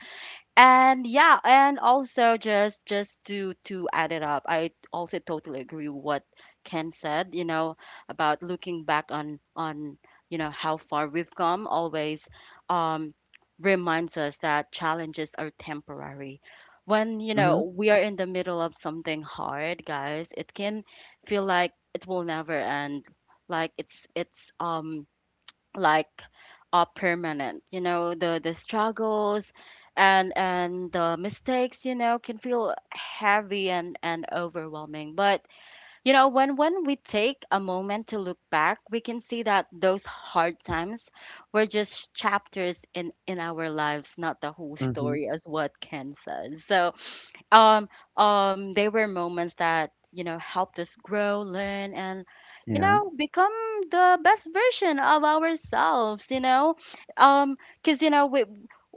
Speaker 1: And yeah, and also just to add it up, I also totally agree with what Ken said, you know, about looking back on you know how far we've come always um reminds us that challenges are temporary. When, you
Speaker 2: mhm,
Speaker 1: know, we are in the middle of something hard, guys, it can feel like it will never end, like it's like permanent, you know, the struggles and the mistakes, you know, can feel heavy and overwhelming. But you know, when we take a moment to look back, we can see that those hard times were just chapters in our lives, not the whole
Speaker 2: mhm.
Speaker 1: story, as what Ken said. So um um they were moments that, you know, helped us grow, learn, and, you
Speaker 2: Yeah,
Speaker 1: know, become the best version of ourselves, you know. um because, you know, we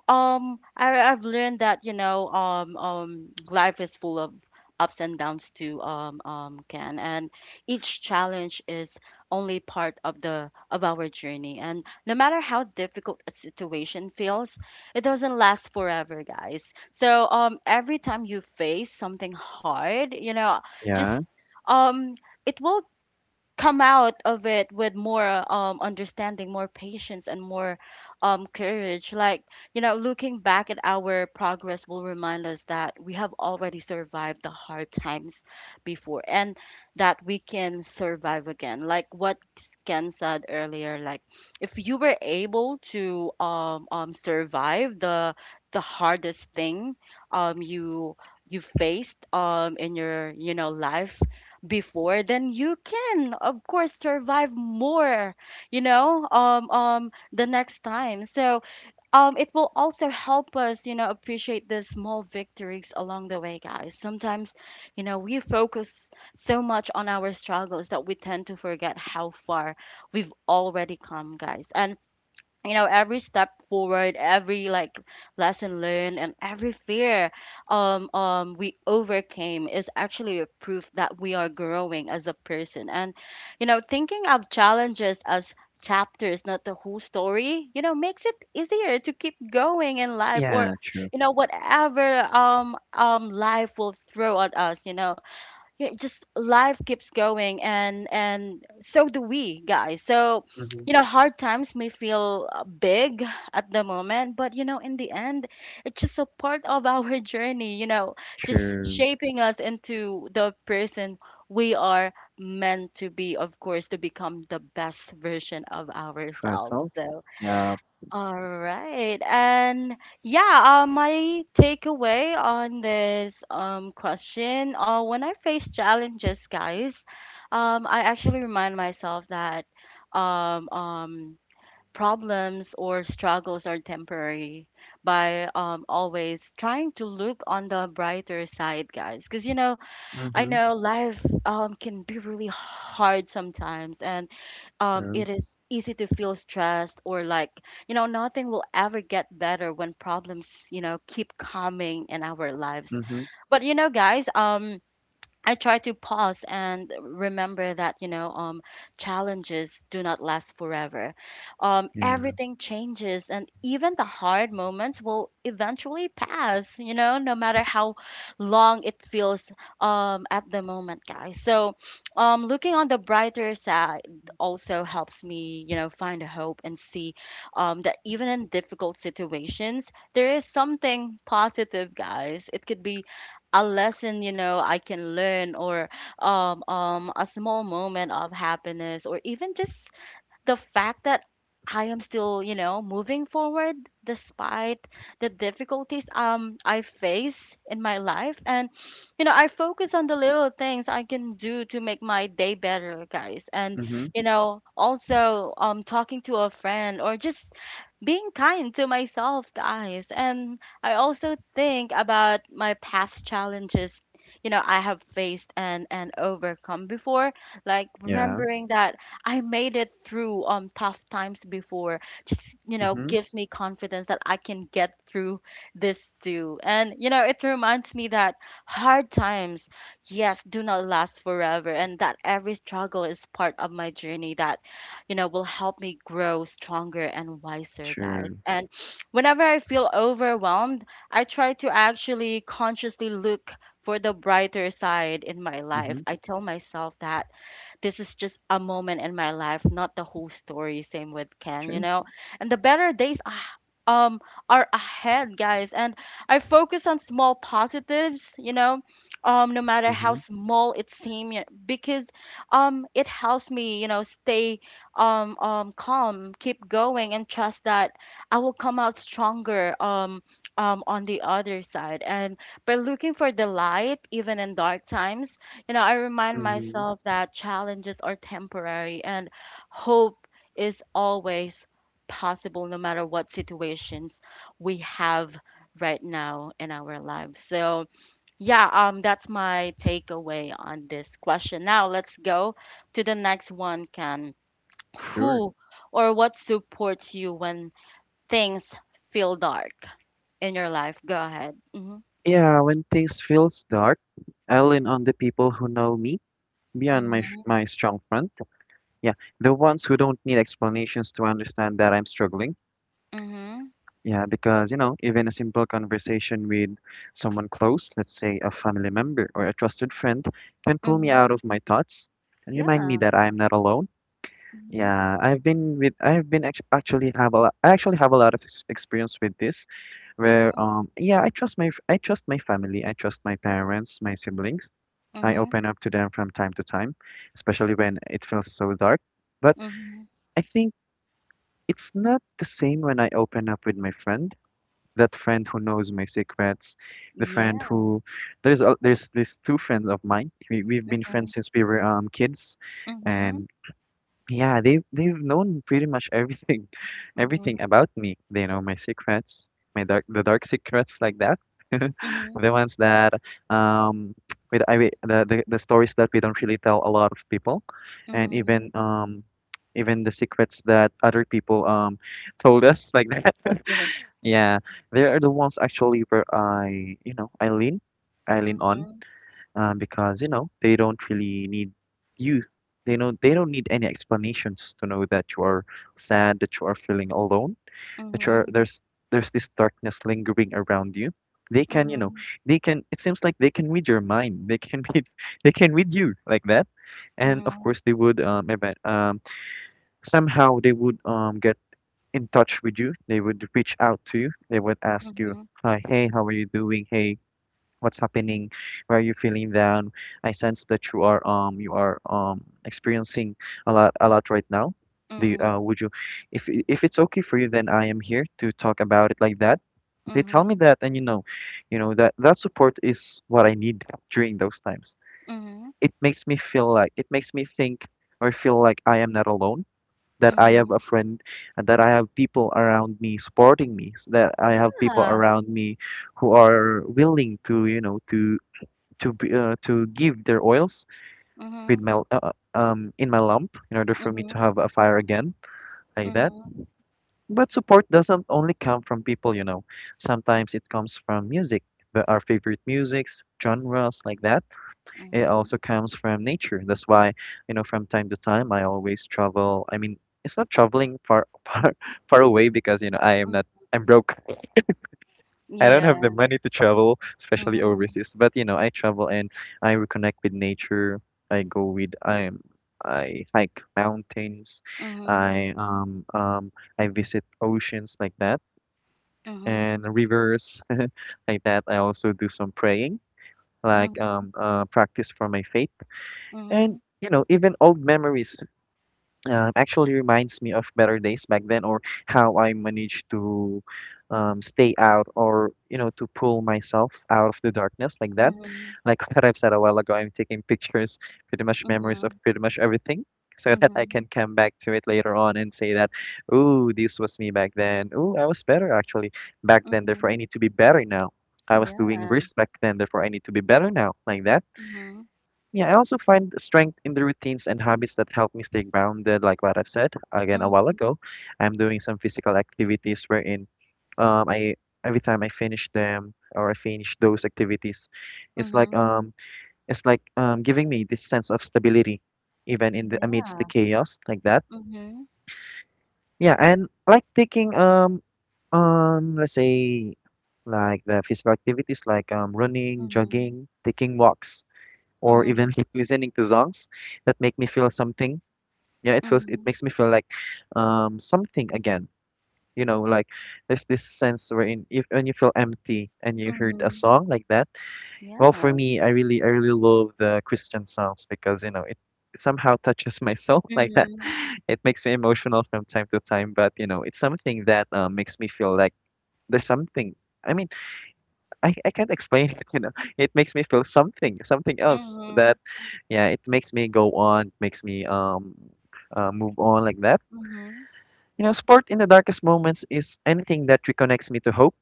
Speaker 1: um I, i've learned that, you know, life is full of ups and downs too. Ken, and each challenge is only part of the of our journey, and no matter how difficult a situation feels, it doesn't last forever, guys. So every time you face something hard, you know,
Speaker 2: yeah,
Speaker 1: just um it will come out of it with more understanding, more patience, and more courage. Like, you know, looking back at our progress will remind us that we have already survived the hard times before, and that we can survive again, like what Ken said earlier. Like, if you were able to survive the hardest thing you faced in your, you know, life before, then you can of course survive more, you know. The next time, so it will also help us, you know, appreciate the small victories along the way, guys. Sometimes, you know, we focus so much on our struggles that we tend to forget how far we've already come, guys. And you know, every step forward, every, like, lesson learned, and every fear we overcame is actually a proof that we are growing as a person. And you know, thinking of challenges as chapters, not the whole story, you know, makes it easier to keep going in life.
Speaker 2: yeah.
Speaker 1: Or
Speaker 2: True.
Speaker 1: you know, whatever life will throw at us, you know. Yeah, just life keeps going, and so do we, guys. So
Speaker 2: Mhm.
Speaker 1: you know, hard times may feel big at the moment, but you know, in the end, it's just a part of [LAUGHS] our journey, you know, just
Speaker 2: True
Speaker 1: shaping us into the person we are meant to be, of course, to become the best version of
Speaker 2: for
Speaker 1: ourselves.
Speaker 2: ourselves.
Speaker 1: So
Speaker 2: Yeah.
Speaker 1: all right. And yeah, my takeaway on this question, when I face challenges, guys, I actually remind myself that um, um, problems or struggles are temporary by always trying to look on the brighter side, guys. Because, you know, I
Speaker 2: Mhm.
Speaker 1: know life can be really hard sometimes, and
Speaker 2: True.
Speaker 1: it is easy to feel stressed, or like, you know, nothing will ever get better when problems, you know, keep coming in our lives.
Speaker 2: Mhm.
Speaker 1: But you know, guys, I try to pause and remember that, you know, challenges do not last forever.
Speaker 2: Yeah.
Speaker 1: Everything changes, and even the hard moments will eventually pass. You know, no matter how long it feels at the moment, guys. So, looking on the brighter side also helps me, you know, find hope and see that even in difficult situations, there is something positive, guys. It could be a lesson, you know, I can learn, or a small moment of happiness, or even just the fact that I am still, you know, moving forward despite the difficulties I face in my life. And you know, I focus on the little things I can do to make my day better, guys. And
Speaker 2: Mhm.
Speaker 1: you know, also talking to a friend, or just being kind to myself, guys. And I also think about my past challenges, you know, I have faced and overcome before, like
Speaker 2: Yeah.
Speaker 1: remembering that I made it through tough times before. Just, you know,
Speaker 2: Mhm.
Speaker 1: gives me confidence that I can get through this too. And you know, it reminds me that hard times, yes, do not last forever, and that every struggle is part of my journey that, you know, will help me grow stronger and wiser, guys.
Speaker 2: Sure.
Speaker 1: And whenever I feel overwhelmed, I try to actually consciously look for the brighter side in my life.
Speaker 2: Mhm.
Speaker 1: I tell myself that this is just a moment in my life, not the whole story. Same with Ken, you
Speaker 2: Sure.
Speaker 1: know. And the better days um are ahead, guys. And I focus on small positives, you know, no matter how
Speaker 2: Mhm.
Speaker 1: small it seems, because it helps me, you know, stay calm, keep going, and trust that I will come out stronger on the other side. And by looking for the light, even in dark times, you know, I remind
Speaker 2: Mhm.
Speaker 1: myself that challenges are temporary and hope is always possible, no matter what situations we have right now in our lives. So, yeah, that's my takeaway on this question. Now, let's go to the next one, Can
Speaker 2: Sure.
Speaker 1: Who or what supports you when things feel dark in your life? Go ahead. Mhm.
Speaker 2: Yeah, when things feels dark, I lean on the people who know me beyond my sh-
Speaker 1: Mhm.
Speaker 2: my strong front. Yeah, the ones who don't need explanations to understand that I'm struggling.
Speaker 1: Mhm.
Speaker 2: Yeah, because even a simple conversation with someone close, let's say a family member or a trusted friend, can pull me
Speaker 1: Mhm.
Speaker 2: out of my thoughts and remind me
Speaker 1: Yeah.
Speaker 2: that I am not alone.
Speaker 1: Mhm.
Speaker 2: Yeah, I've been with I've been act actually have a lot I actually have a lot of ex experience with this where
Speaker 1: Mhm.
Speaker 2: yeah, I trust I trust my family, I trust my parents, my siblings. I
Speaker 1: Mhm.
Speaker 2: open up to them from time to time, especially when it feels so dark. But
Speaker 1: Mhm.
Speaker 2: I think it's not the same when I open up with my friend, that friend who knows my secrets, the friend
Speaker 1: Yeah.
Speaker 2: who there's these two friends of mine. We've been
Speaker 1: Mhm.
Speaker 2: friends since we were kids
Speaker 1: Mhm.
Speaker 2: and yeah, they've known pretty much everything, [LAUGHS]
Speaker 1: Mhm.
Speaker 2: everything about me. They know my secrets, my dark the dark secrets like that, [LAUGHS]
Speaker 1: Mhm.
Speaker 2: the ones that um [TSK] with I we- the stories that we don't really tell a lot of people, and even
Speaker 1: Mhm.
Speaker 2: [TSK] even the secrets that other people [LAUGHS] told us like that. [LAUGHS]
Speaker 1: Okay.
Speaker 2: Yeah, they are the ones actually where I lean on,
Speaker 1: Mhm.
Speaker 2: because you know they don't really need you. They don't need any explanations to know that you are sad, that you are feeling alone, that you are
Speaker 1: Mhm.
Speaker 2: there's this darkness lingering around you. They can you know
Speaker 1: Mhm.
Speaker 2: they can, it seems like they can read your mind. They can read [LAUGHS] they can read you like that, and of
Speaker 1: Mhm.
Speaker 2: course they would somehow they would get in touch with you. They would reach out to you. They would ask you,
Speaker 1: Mhm.
Speaker 2: "Hi, hey, how are you doing? Hey, what's happening, why are you feeling down? I sense that you are experiencing a lot right now. Do you, uh,
Speaker 1: Mhm.
Speaker 2: would you, if it's okay for you, then I am here to talk about it like that." They tell me
Speaker 1: Mhm.
Speaker 2: that, and you know that that support is what I need during those times.
Speaker 1: Mhm.
Speaker 2: It makes me feel like it makes me think or feel like I am not alone. That I have a
Speaker 1: Mhm.
Speaker 2: friend, and that I have people around me supporting me. That I have people
Speaker 1: Yeah.
Speaker 2: around me who are willing to, you know, to be, to give their oils with
Speaker 1: Mhm.
Speaker 2: my in my lamp in order for me to
Speaker 1: Mhm.
Speaker 2: have a fire again like that.
Speaker 1: Mhm.
Speaker 2: But support doesn't only come from people, you know. Sometimes it comes from music, our favorite musics, genres like that. It
Speaker 1: Mhm.
Speaker 2: also comes from nature. That's why, you know, from time to time I always travel. I mean, it's not traveling far [LAUGHS] far away because, you know, I am
Speaker 1: Mm.
Speaker 2: not I'm broke. I don't have the
Speaker 1: Yeah.
Speaker 2: money to travel, especially
Speaker 1: Mhm.
Speaker 2: overseas. But you know, I travel and I reconnect with nature. I go with I I hike mountains.
Speaker 1: Mhm.
Speaker 2: I visit oceans like that
Speaker 1: Mhm.
Speaker 2: and rivers [LAUGHS] like that. I also do some praying, like practice for my faith. And
Speaker 1: Mhm.
Speaker 2: you know, even old memories actually reminds me of better days back then or how I managed to stay out or you know to pull myself out of the darkness like that.
Speaker 1: Mhm.
Speaker 2: Like [LAUGHS] what I've said a while ago, I'm taking pictures, pretty much
Speaker 1: Mhm.
Speaker 2: memories of
Speaker 1: Mhm.
Speaker 2: pretty much everything. So that I
Speaker 1: Mhm.
Speaker 2: can come back to it later on and say that, oh, this was me back then. Oh, I was better actually back then. Therefore, I
Speaker 1: Mhm.
Speaker 2: need to be better now. I was doing
Speaker 1: Yeah.
Speaker 2: risk back then. Therefore, I need to be better now. Like that.
Speaker 1: Mhm.
Speaker 2: Yeah, I also find strength in the routines and habits that help me stay grounded, like what I've said again a while
Speaker 1: Mhm.
Speaker 2: ago. I'm doing some physical activities wherein I every time I finish them or I finish those activities, it's like
Speaker 1: Mhm.
Speaker 2: um it's like giving me this sense of stability even in the amidst the
Speaker 1: Yeah.
Speaker 2: chaos like that.
Speaker 1: Mhm.
Speaker 2: Yeah, and like taking let's say like the physical activities like running,
Speaker 1: Mhm.
Speaker 2: jogging, taking walks or even
Speaker 1: Mhm.
Speaker 2: [LAUGHS] listening to songs that make me feel something. Yeah, it
Speaker 1: Mhm,
Speaker 2: makes me feel like something again. You know, like there's this sense wherein if when you feel empty and you heard a
Speaker 1: mhm,
Speaker 2: song like that. Well, for
Speaker 1: yeah.
Speaker 2: me, I really love the Christian songs because you know it somehow touches my soul [LAUGHS] like that.
Speaker 1: Mhm,
Speaker 2: It makes me emotional from time to time, but you know, it's something that makes me feel like there's something. I mean, I can't explain it, [LAUGHS] you know. It makes me feel something, something else
Speaker 1: mhm,
Speaker 2: that, yeah, it makes me go on, makes me move on like that.
Speaker 1: mhm,
Speaker 2: You know, sport in the darkest moments is anything that reconnects me to hope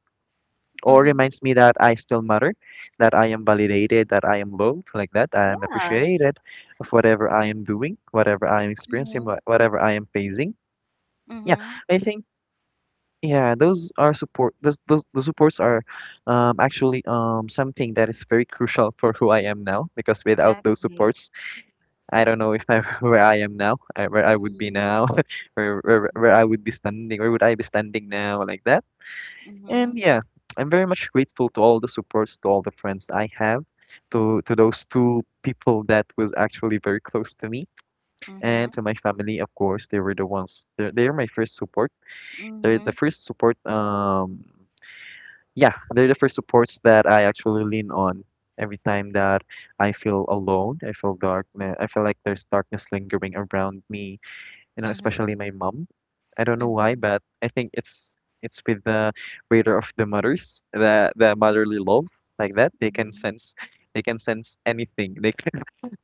Speaker 2: or
Speaker 1: mhm,
Speaker 2: reminds me that I still matter, that I am validated, that I am loved, like that. I am
Speaker 1: yeah.
Speaker 2: appreciated of whatever I am doing, whatever I am experiencing,
Speaker 1: Mhm,
Speaker 2: whatever I am facing. Yeah,
Speaker 1: mhm,
Speaker 2: I think Yeah, those are support. Those the supports are actually something that is very crucial for who I am now. Because without those
Speaker 1: exactly.
Speaker 2: supports, I don't know if I [LAUGHS] where I would be
Speaker 1: Mhm,
Speaker 2: now, [LAUGHS] where I would be standing, where would I be standing now, like that. And
Speaker 1: mhm,
Speaker 2: yeah, I'm very much grateful to all the supports, to all the friends I have, to those two people that was actually very close to me, and
Speaker 1: mhm,
Speaker 2: to my family, of course. They were the ones. They're my first support, they're the
Speaker 1: mhm,
Speaker 2: first support um yeah, they're the first supports that I actually lean on every time that I feel alone, I feel dark, I feel like there's darkness lingering around me, you know, especially
Speaker 1: mhm,
Speaker 2: my mom. I don't know why,
Speaker 1: mhm,
Speaker 2: but I think it's with the radar of the mothers, the motherly love like that.
Speaker 1: mhm,
Speaker 2: They can sense anything. They can [LAUGHS]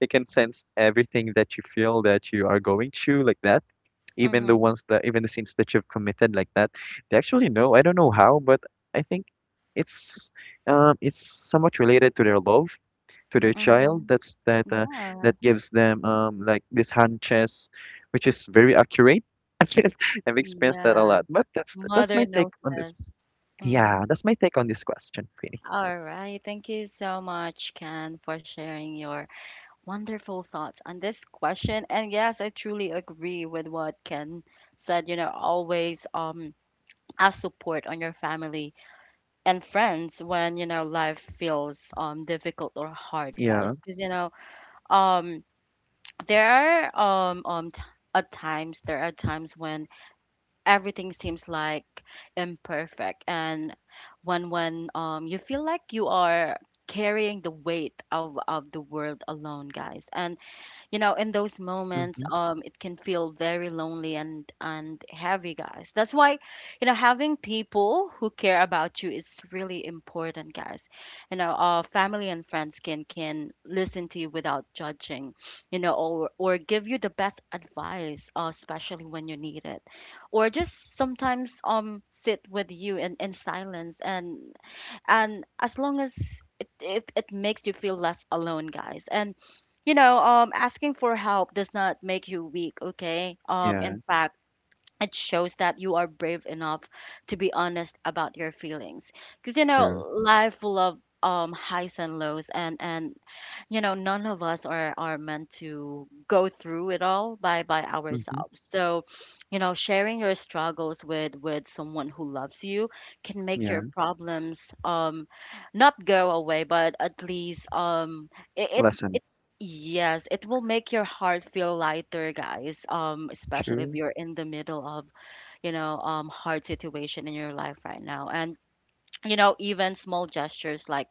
Speaker 2: they can sense everything that you feel that you are going through like that, even the
Speaker 1: mhm,
Speaker 2: ones that even the sins that you've committed like that, they actually know. I don't know how, but I think it's it's somewhat related to their love to their child,
Speaker 1: mhm, yeah,
Speaker 2: that gives them like this hand chess which is very accurate. [LAUGHS] I've experienced that a
Speaker 1: yeah.
Speaker 2: lot, but that's my
Speaker 1: Mother
Speaker 2: take
Speaker 1: knows
Speaker 2: on this.
Speaker 1: best. Mhm.
Speaker 2: Yeah, that's my take on this question, Queenie.
Speaker 1: All right. Thank you so much, Ken, for sharing your wonderful thoughts on this question. And yes, I truly agree with what Ken said. You know, always ask support on your family and friends when, you know, life feels difficult or hard,
Speaker 2: Yeah.
Speaker 1: guys. Because, you know, um there are um um t- at times, there are times when everything seems like imperfect and when when you feel like you are carrying the weight of the world alone, guys. And you know, in those moments,
Speaker 2: Mm-hmm.
Speaker 1: it can feel very lonely and heavy, guys. That's why, you know, having people who care about you is really important, guys. You know, family and friends can listen to you without judging, you know, or give you the best advice, especially when you need it, or just sometimes sit with you in silence. And as long as it makes you feel less alone, guys. And you know, asking for help does not make you weak. Okay,
Speaker 2: Yeah,
Speaker 1: in fact, it shows that you are brave enough to be honest about your feelings, because you know,
Speaker 2: true.
Speaker 1: life full of highs and lows. And you know, none of us are meant to go through it all by
Speaker 2: Mm-hmm.
Speaker 1: ourselves. So you know, sharing your struggles with someone who loves you can make your
Speaker 2: Yeah.
Speaker 1: problems not go away, but at least it, it,
Speaker 2: Lesson.
Speaker 1: it yes, it will make your heart feel lighter, guys. Especially if
Speaker 2: True.
Speaker 1: you're in the middle of, you know, hard situation in your life right now. And you know, even small gestures like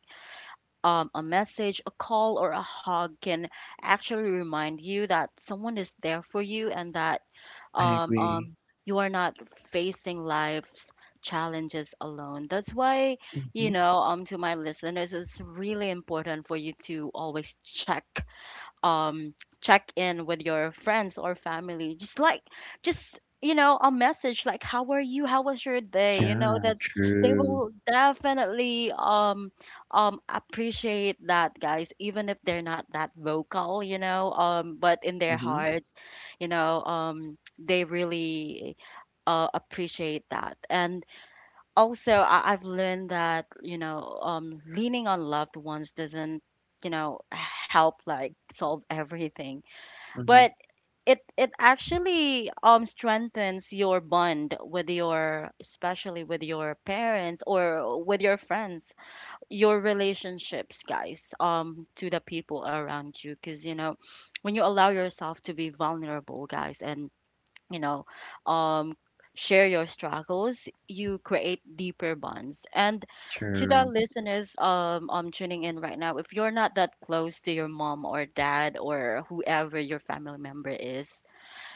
Speaker 1: a message, a call, or a hug can actually remind you that someone is there for you, and that
Speaker 2: I
Speaker 1: um,
Speaker 2: agree.
Speaker 1: um, you are not facing life's challenges alone. That's why,
Speaker 2: Mm-hmm.
Speaker 1: to my listeners, it's really important for you to always check um check in with your friends or family, just like just a message like, how are you, how was your day? You know
Speaker 2: Yeah,
Speaker 1: that's They
Speaker 2: true.
Speaker 1: will definitely appreciate that, guys, even if they're not that vocal, but in their
Speaker 2: Mm-hmm.
Speaker 1: hearts they really appreciate that. And also I've learned that leaning on loved ones doesn't help like solve everything,
Speaker 2: Mhm.
Speaker 1: but it actually strengthens your bond with, your especially with your parents or with your friends, your relationships, guys, to the people around you. Because you know, when you allow yourself to be vulnerable, guys, and you know um share your struggles, you create deeper bonds. And to the
Speaker 2: True.
Speaker 1: listeners tuning in right now, if you're not that close to your mom or dad or whoever your family member is,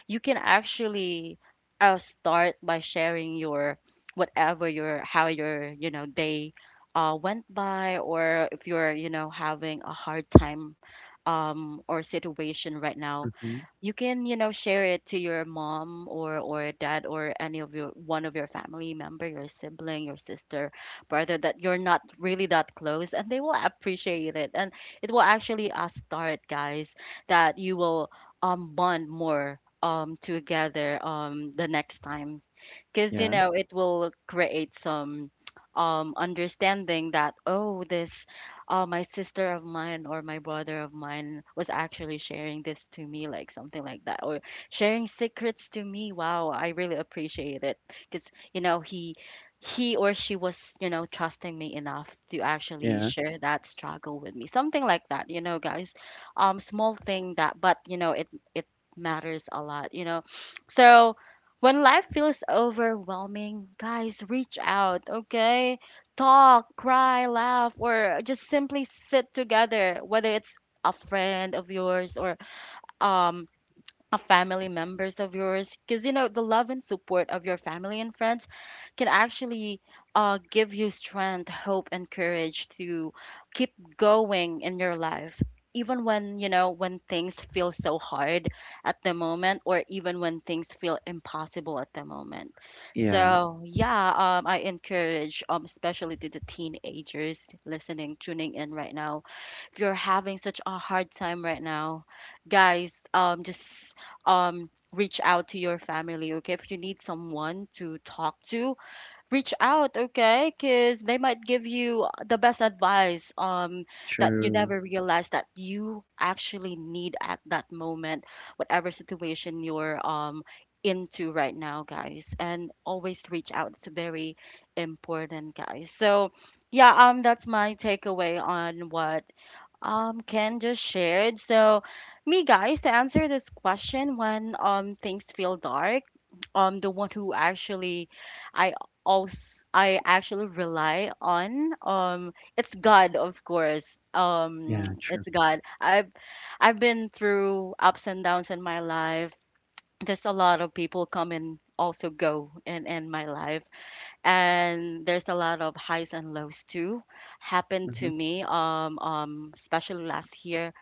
Speaker 1: you can actually start by sharing your, whatever, your how your, you know, day went by, or if you're, you know, having a hard time or situation right now,
Speaker 2: Mhm.
Speaker 1: you can, you know, share it to your mom or dad or any of your, one of your family member, your sibling, your sister, brother that you're not really that close, and they will appreciate it. And it will actually start, guys, that you will bond more together the next time. Because you
Speaker 2: Yeah,
Speaker 1: know, it will create some understanding that, oh, this my sister of mine or my brother of mine was actually sharing this to me, like something like that, or sharing secrets to me. Wow, I really appreciate it, because you know, he or she was, you know, trusting me enough to actually
Speaker 2: yeah,
Speaker 1: share that struggle with me, something like that, you know, guys. Small thing that, but you know, it matters a lot, you know. So when life feels overwhelming, guys, reach out, okay? Talk, cry, laugh, or just simply sit together, whether it's a friend of yours or um a family members of yours. Because you know, the love and support of your family and friends can actually give you strength, hope, and courage to keep going in your life, even when, you know, when things feel so hard at the moment, or even when things feel impossible at the moment.
Speaker 2: yeah.
Speaker 1: So yeah, I encourage, especially to the teenagers listening, tuning in right now, if you're having such a hard time right now, guys, just reach out to your family. Okay, if you need someone to talk to, reach out. Okay, because they might give you the best advice, that you
Speaker 2: True.
Speaker 1: never realized that you actually need at that moment, whatever situation you're into right now, guys. And always reach out. It's very important, guys. So yeah, that's my takeaway on what Ken just shared. So, me, guys, to answer this question, when things feel dark, the one who actually I also I actually rely on, it's God, of course.
Speaker 2: Yeah,
Speaker 1: [TSK]
Speaker 2: true.
Speaker 1: It's God. I've been through ups and downs in my life. There's a lot of people come and also go in my life, and there's a lot of highs and lows too happened to
Speaker 2: Mhm.
Speaker 1: me, especially last year.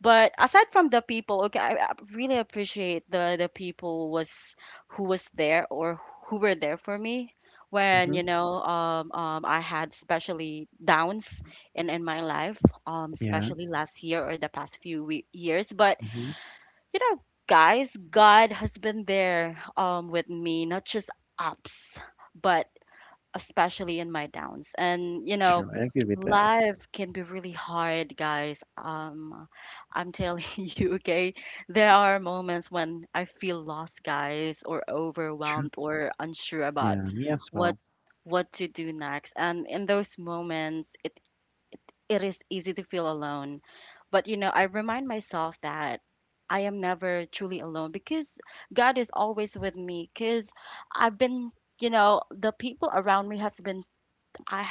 Speaker 1: But aside from the people, okay, I really appreciate the people was who was there, or who were there for me when,
Speaker 2: Mhm.
Speaker 1: you know, I had especially downs in my life,
Speaker 2: Yeah.
Speaker 1: especially last year or the past few years. But
Speaker 2: Mhm.
Speaker 1: you know, guys, God has been there with me, not just ups, but especially in my downs. And you know,
Speaker 2: True. I agree with that.
Speaker 1: life can be really hard, guys. I'm telling [LAUGHS] you, okay? There are moments when I feel lost, guys, or
Speaker 2: True.
Speaker 1: overwhelmed or unsure about
Speaker 2: Yeah, me as
Speaker 1: what
Speaker 2: well.
Speaker 1: what to do next. And in those moments, it is easy to feel alone. But you know, I remind myself that I am never truly alone, because God is always with me. Because I've been you know the people around me has been, I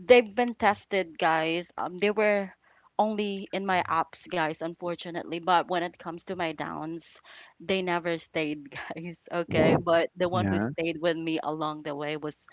Speaker 1: they've been tested, guys. They were only in my ups, guys, unfortunately. But when it comes to my downs, they never stayed, [LAUGHS] guys. Okay. But the one who
Speaker 2: Yeah.
Speaker 1: stayed with me along the way was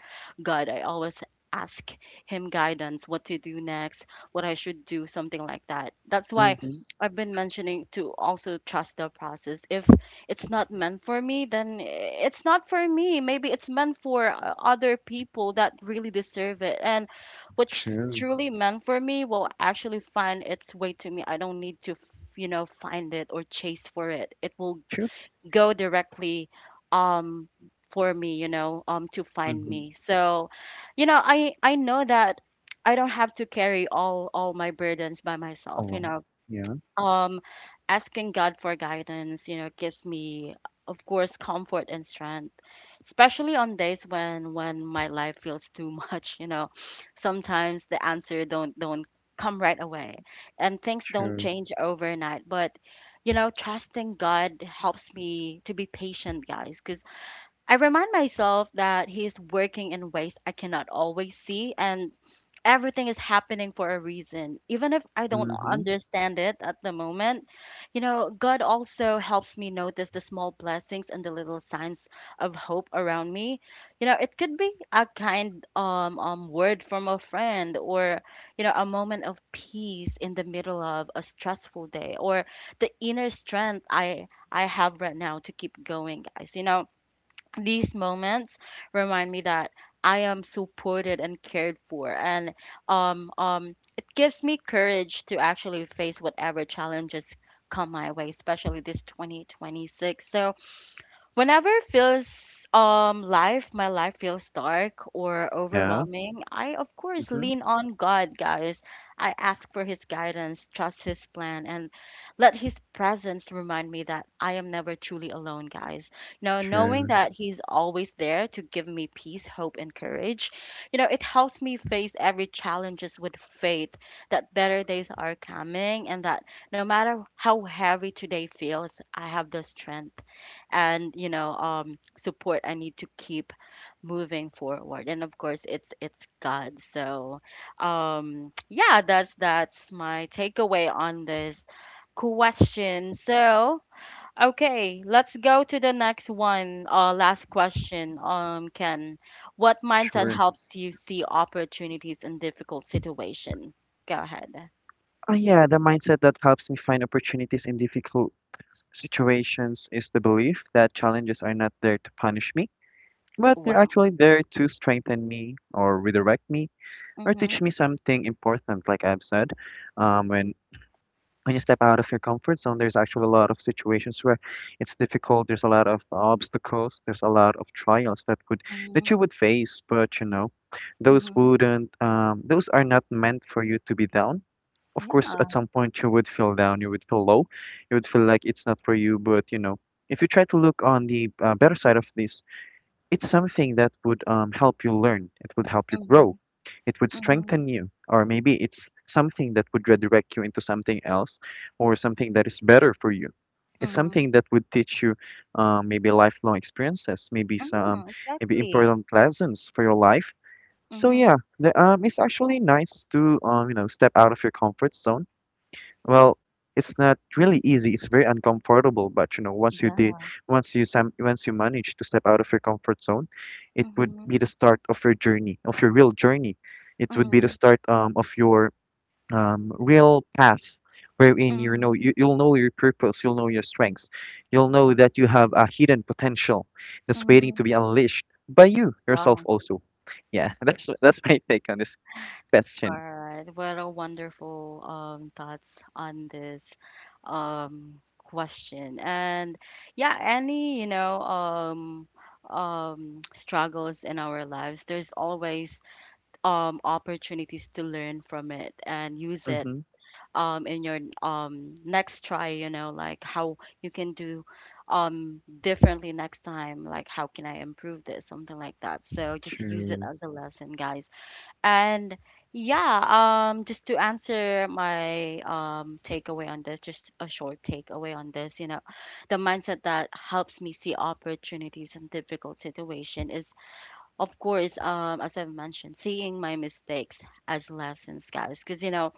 Speaker 1: God. I always ask him guidance, what to do next, what I should do, something like that. That's why
Speaker 2: Mhm.
Speaker 1: I've been mentioning to also trust the process. If it's not meant for me, then it's not for me. Maybe it's meant for other people that really deserve it. And what's
Speaker 2: True.
Speaker 1: truly meant for me will actually find its way to me. I don't need to, you know, find it or chase for it. It will
Speaker 2: True.
Speaker 1: go directly um for me, you know, to find
Speaker 2: Mhm.
Speaker 1: me. So, you know, I know that I don't have to carry all my burdens by myself, you
Speaker 2: Oh,
Speaker 1: know.
Speaker 2: yeah.
Speaker 1: um Asking God for guidance, you know, gives me, of course, comfort and strength, especially on days when my life feels too [LAUGHS] much, you know. Sometimes the answer don't come right away, and things don't
Speaker 2: True.
Speaker 1: change overnight. But you know, trusting God helps me to be patient, guys. Because I remind myself that he is working in ways I cannot always see, and everything is happening for a reason. Even if I don't
Speaker 2: Mhm.
Speaker 1: understand it at the moment, you know, God also helps me notice the small blessings and the little signs of hope around me. You know, it could be a kind word from a friend, or, you know, a moment of peace in the middle of a stressful day, or the inner strength I have right now to keep going, guys. You know, these moments remind me that I am supported and cared for, and it gives me courage to actually face whatever challenges come my way, especially this 2026. So whenever my life feels dark or
Speaker 2: Yeah.
Speaker 1: overwhelming, I of course
Speaker 2: Mhm.
Speaker 1: lean on God, guys. I ask for his guidance, trust his plan, and let his presence remind me that I am never truly alone, guys. You know, knowing
Speaker 2: True.
Speaker 1: that he's always there to give me peace, hope, and courage, you know, it helps me face every challenges with faith that better days are coming, and that no matter how heavy today feels, I have the strength and, you know, support I need to keep moving forward. And of course it's God. So [TSK] yeah, that's my takeaway on this question. So okay, let's go to the next one. Last question, Ken, what mindset
Speaker 2: Sure.
Speaker 1: helps you see opportunities in difficult situation? Go ahead.
Speaker 2: Oh, yeah. The mindset that helps me find opportunities in difficult situations is the belief that challenges are not there to punish me, but they're
Speaker 1: Wow.
Speaker 2: actually there to strengthen me or redirect me or
Speaker 1: Mm-hmm.
Speaker 2: teach me something important. Like I've said, um, when when you step out of your comfort zone, there's actually a lot of situations where it's difficult, there's a lot of obstacles, there's a lot of trials that would that
Speaker 1: Mm-hmm.
Speaker 2: you would face. But you know, those
Speaker 1: Mm-hmm.
Speaker 2: wouldn't, those are not meant for you to be down. Of course,
Speaker 1: Yeah.
Speaker 2: at some point you would feel down, you would feel low, you would feel like it's not for you. But you know, if you try to look on the better side of this, it's something that would, help you learn. It would help you
Speaker 1: Mm-hmm.
Speaker 2: grow. It would
Speaker 1: Mm-hmm.
Speaker 2: strengthen you. Or maybe it's something that would redirect you into something else or something that is better for you. It's
Speaker 1: Mm-hmm.
Speaker 2: something that would teach you maybe lifelong experiences,
Speaker 1: Mm,
Speaker 2: maybe
Speaker 1: exactly.
Speaker 2: important lessons for your life. So yeah,
Speaker 1: Mhm.
Speaker 2: it's actually nice to you know, step out of your comfort zone. Well, it's not really easy. It's very uncomfortable, but you know, once you
Speaker 1: Yeah.
Speaker 2: did, once you manage to step out of your comfort zone, it would
Speaker 1: Mhm.
Speaker 2: be the start of your journey, of your real journey. It would be the
Speaker 1: Mhm.
Speaker 2: start of your real path, wherein you
Speaker 1: Mm.
Speaker 2: know you'll know your purpose, you'll know your strengths, you'll know that you have
Speaker 1: Exactly.
Speaker 2: a hidden potential that's waiting to
Speaker 1: Mhm.
Speaker 2: be unleashed by you yourself
Speaker 1: Wow.
Speaker 2: also. Yeah,
Speaker 1: Mm.
Speaker 2: [LAUGHS] that's my take on this
Speaker 1: All
Speaker 2: question.
Speaker 1: right. What a wonderful thoughts on this question. And yeah, any, you know, [TSK] struggles in our lives, there's always opportunities to learn from it and use it
Speaker 2: Mhm.
Speaker 1: in your next try, you know, like how you can do differently next time, like how can I improve this, something like that. So just use it
Speaker 2: True,
Speaker 1: as a lesson, guys. And yeah, just to answer my takeaway on this, just a short takeaway on this, you know, the mindset that helps me see opportunities in difficult situation is, of course, as I've mentioned, seeing my mistakes as lessons, guys. Because you know,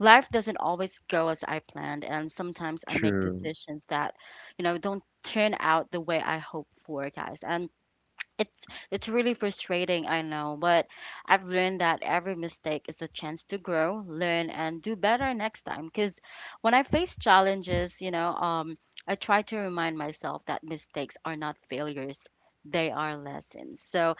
Speaker 1: life doesn't always go as I planned, and sometimes I make
Speaker 2: true.
Speaker 1: decisions that, you know, don't turn out the way I hope for, guys. And it's really frustrating, I know. But I've learned that every mistake is a chance to grow, learn, and do better next time. Because when I face challenges, you know, I try to remind myself that mistakes are not failures, they are lessons. So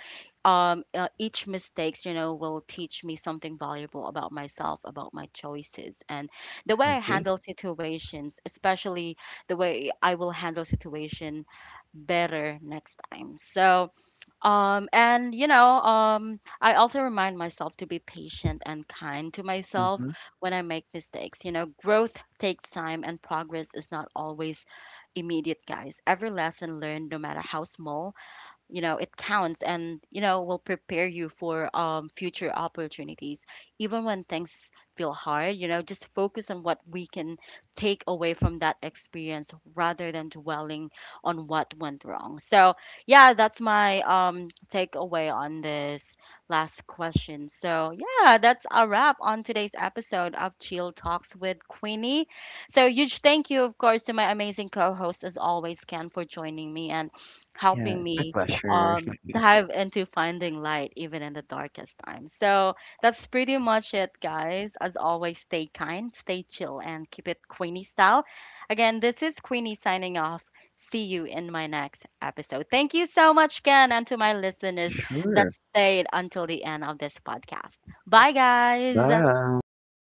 Speaker 1: each mistakes, you know, will teach me something valuable about myself, about my choices, and the way
Speaker 2: I
Speaker 1: I
Speaker 2: agree.
Speaker 1: handle situations, especially the way I will handle situation better next time. So and you know, I also remind myself to be patient and kind to myself
Speaker 2: Mhm.
Speaker 1: when I make mistakes. You know, growth takes time, and progress is not always immediate, guys. Every lesson learned, no matter how small, you know, it counts, and you know, will prepare you for future opportunities. Even when things feel hard, you know, just focus on what we can take away from that experience, rather than dwelling on what went wrong. So yeah, that's my takeaway on this last question. So yeah, that's a wrap on today's episode of Chill Talks with Queenie. So huge thank you, of course, to my amazing co-host as always, Ken, for joining me and
Speaker 2: Yeah,
Speaker 1: helping
Speaker 2: it's my
Speaker 1: me
Speaker 2: pleasure. [LAUGHS]
Speaker 1: dive into finding light even in the darkest times. So that's pretty much it, guys. As always, stay kind, stay chill, and keep it Queenie style. Again, this is Queenie signing off. See you in my next episode. Thank you so much, Ken, and to my listeners that
Speaker 2: Sure.
Speaker 1: stayed until the end of this podcast. Bye, guys.
Speaker 2: Bye.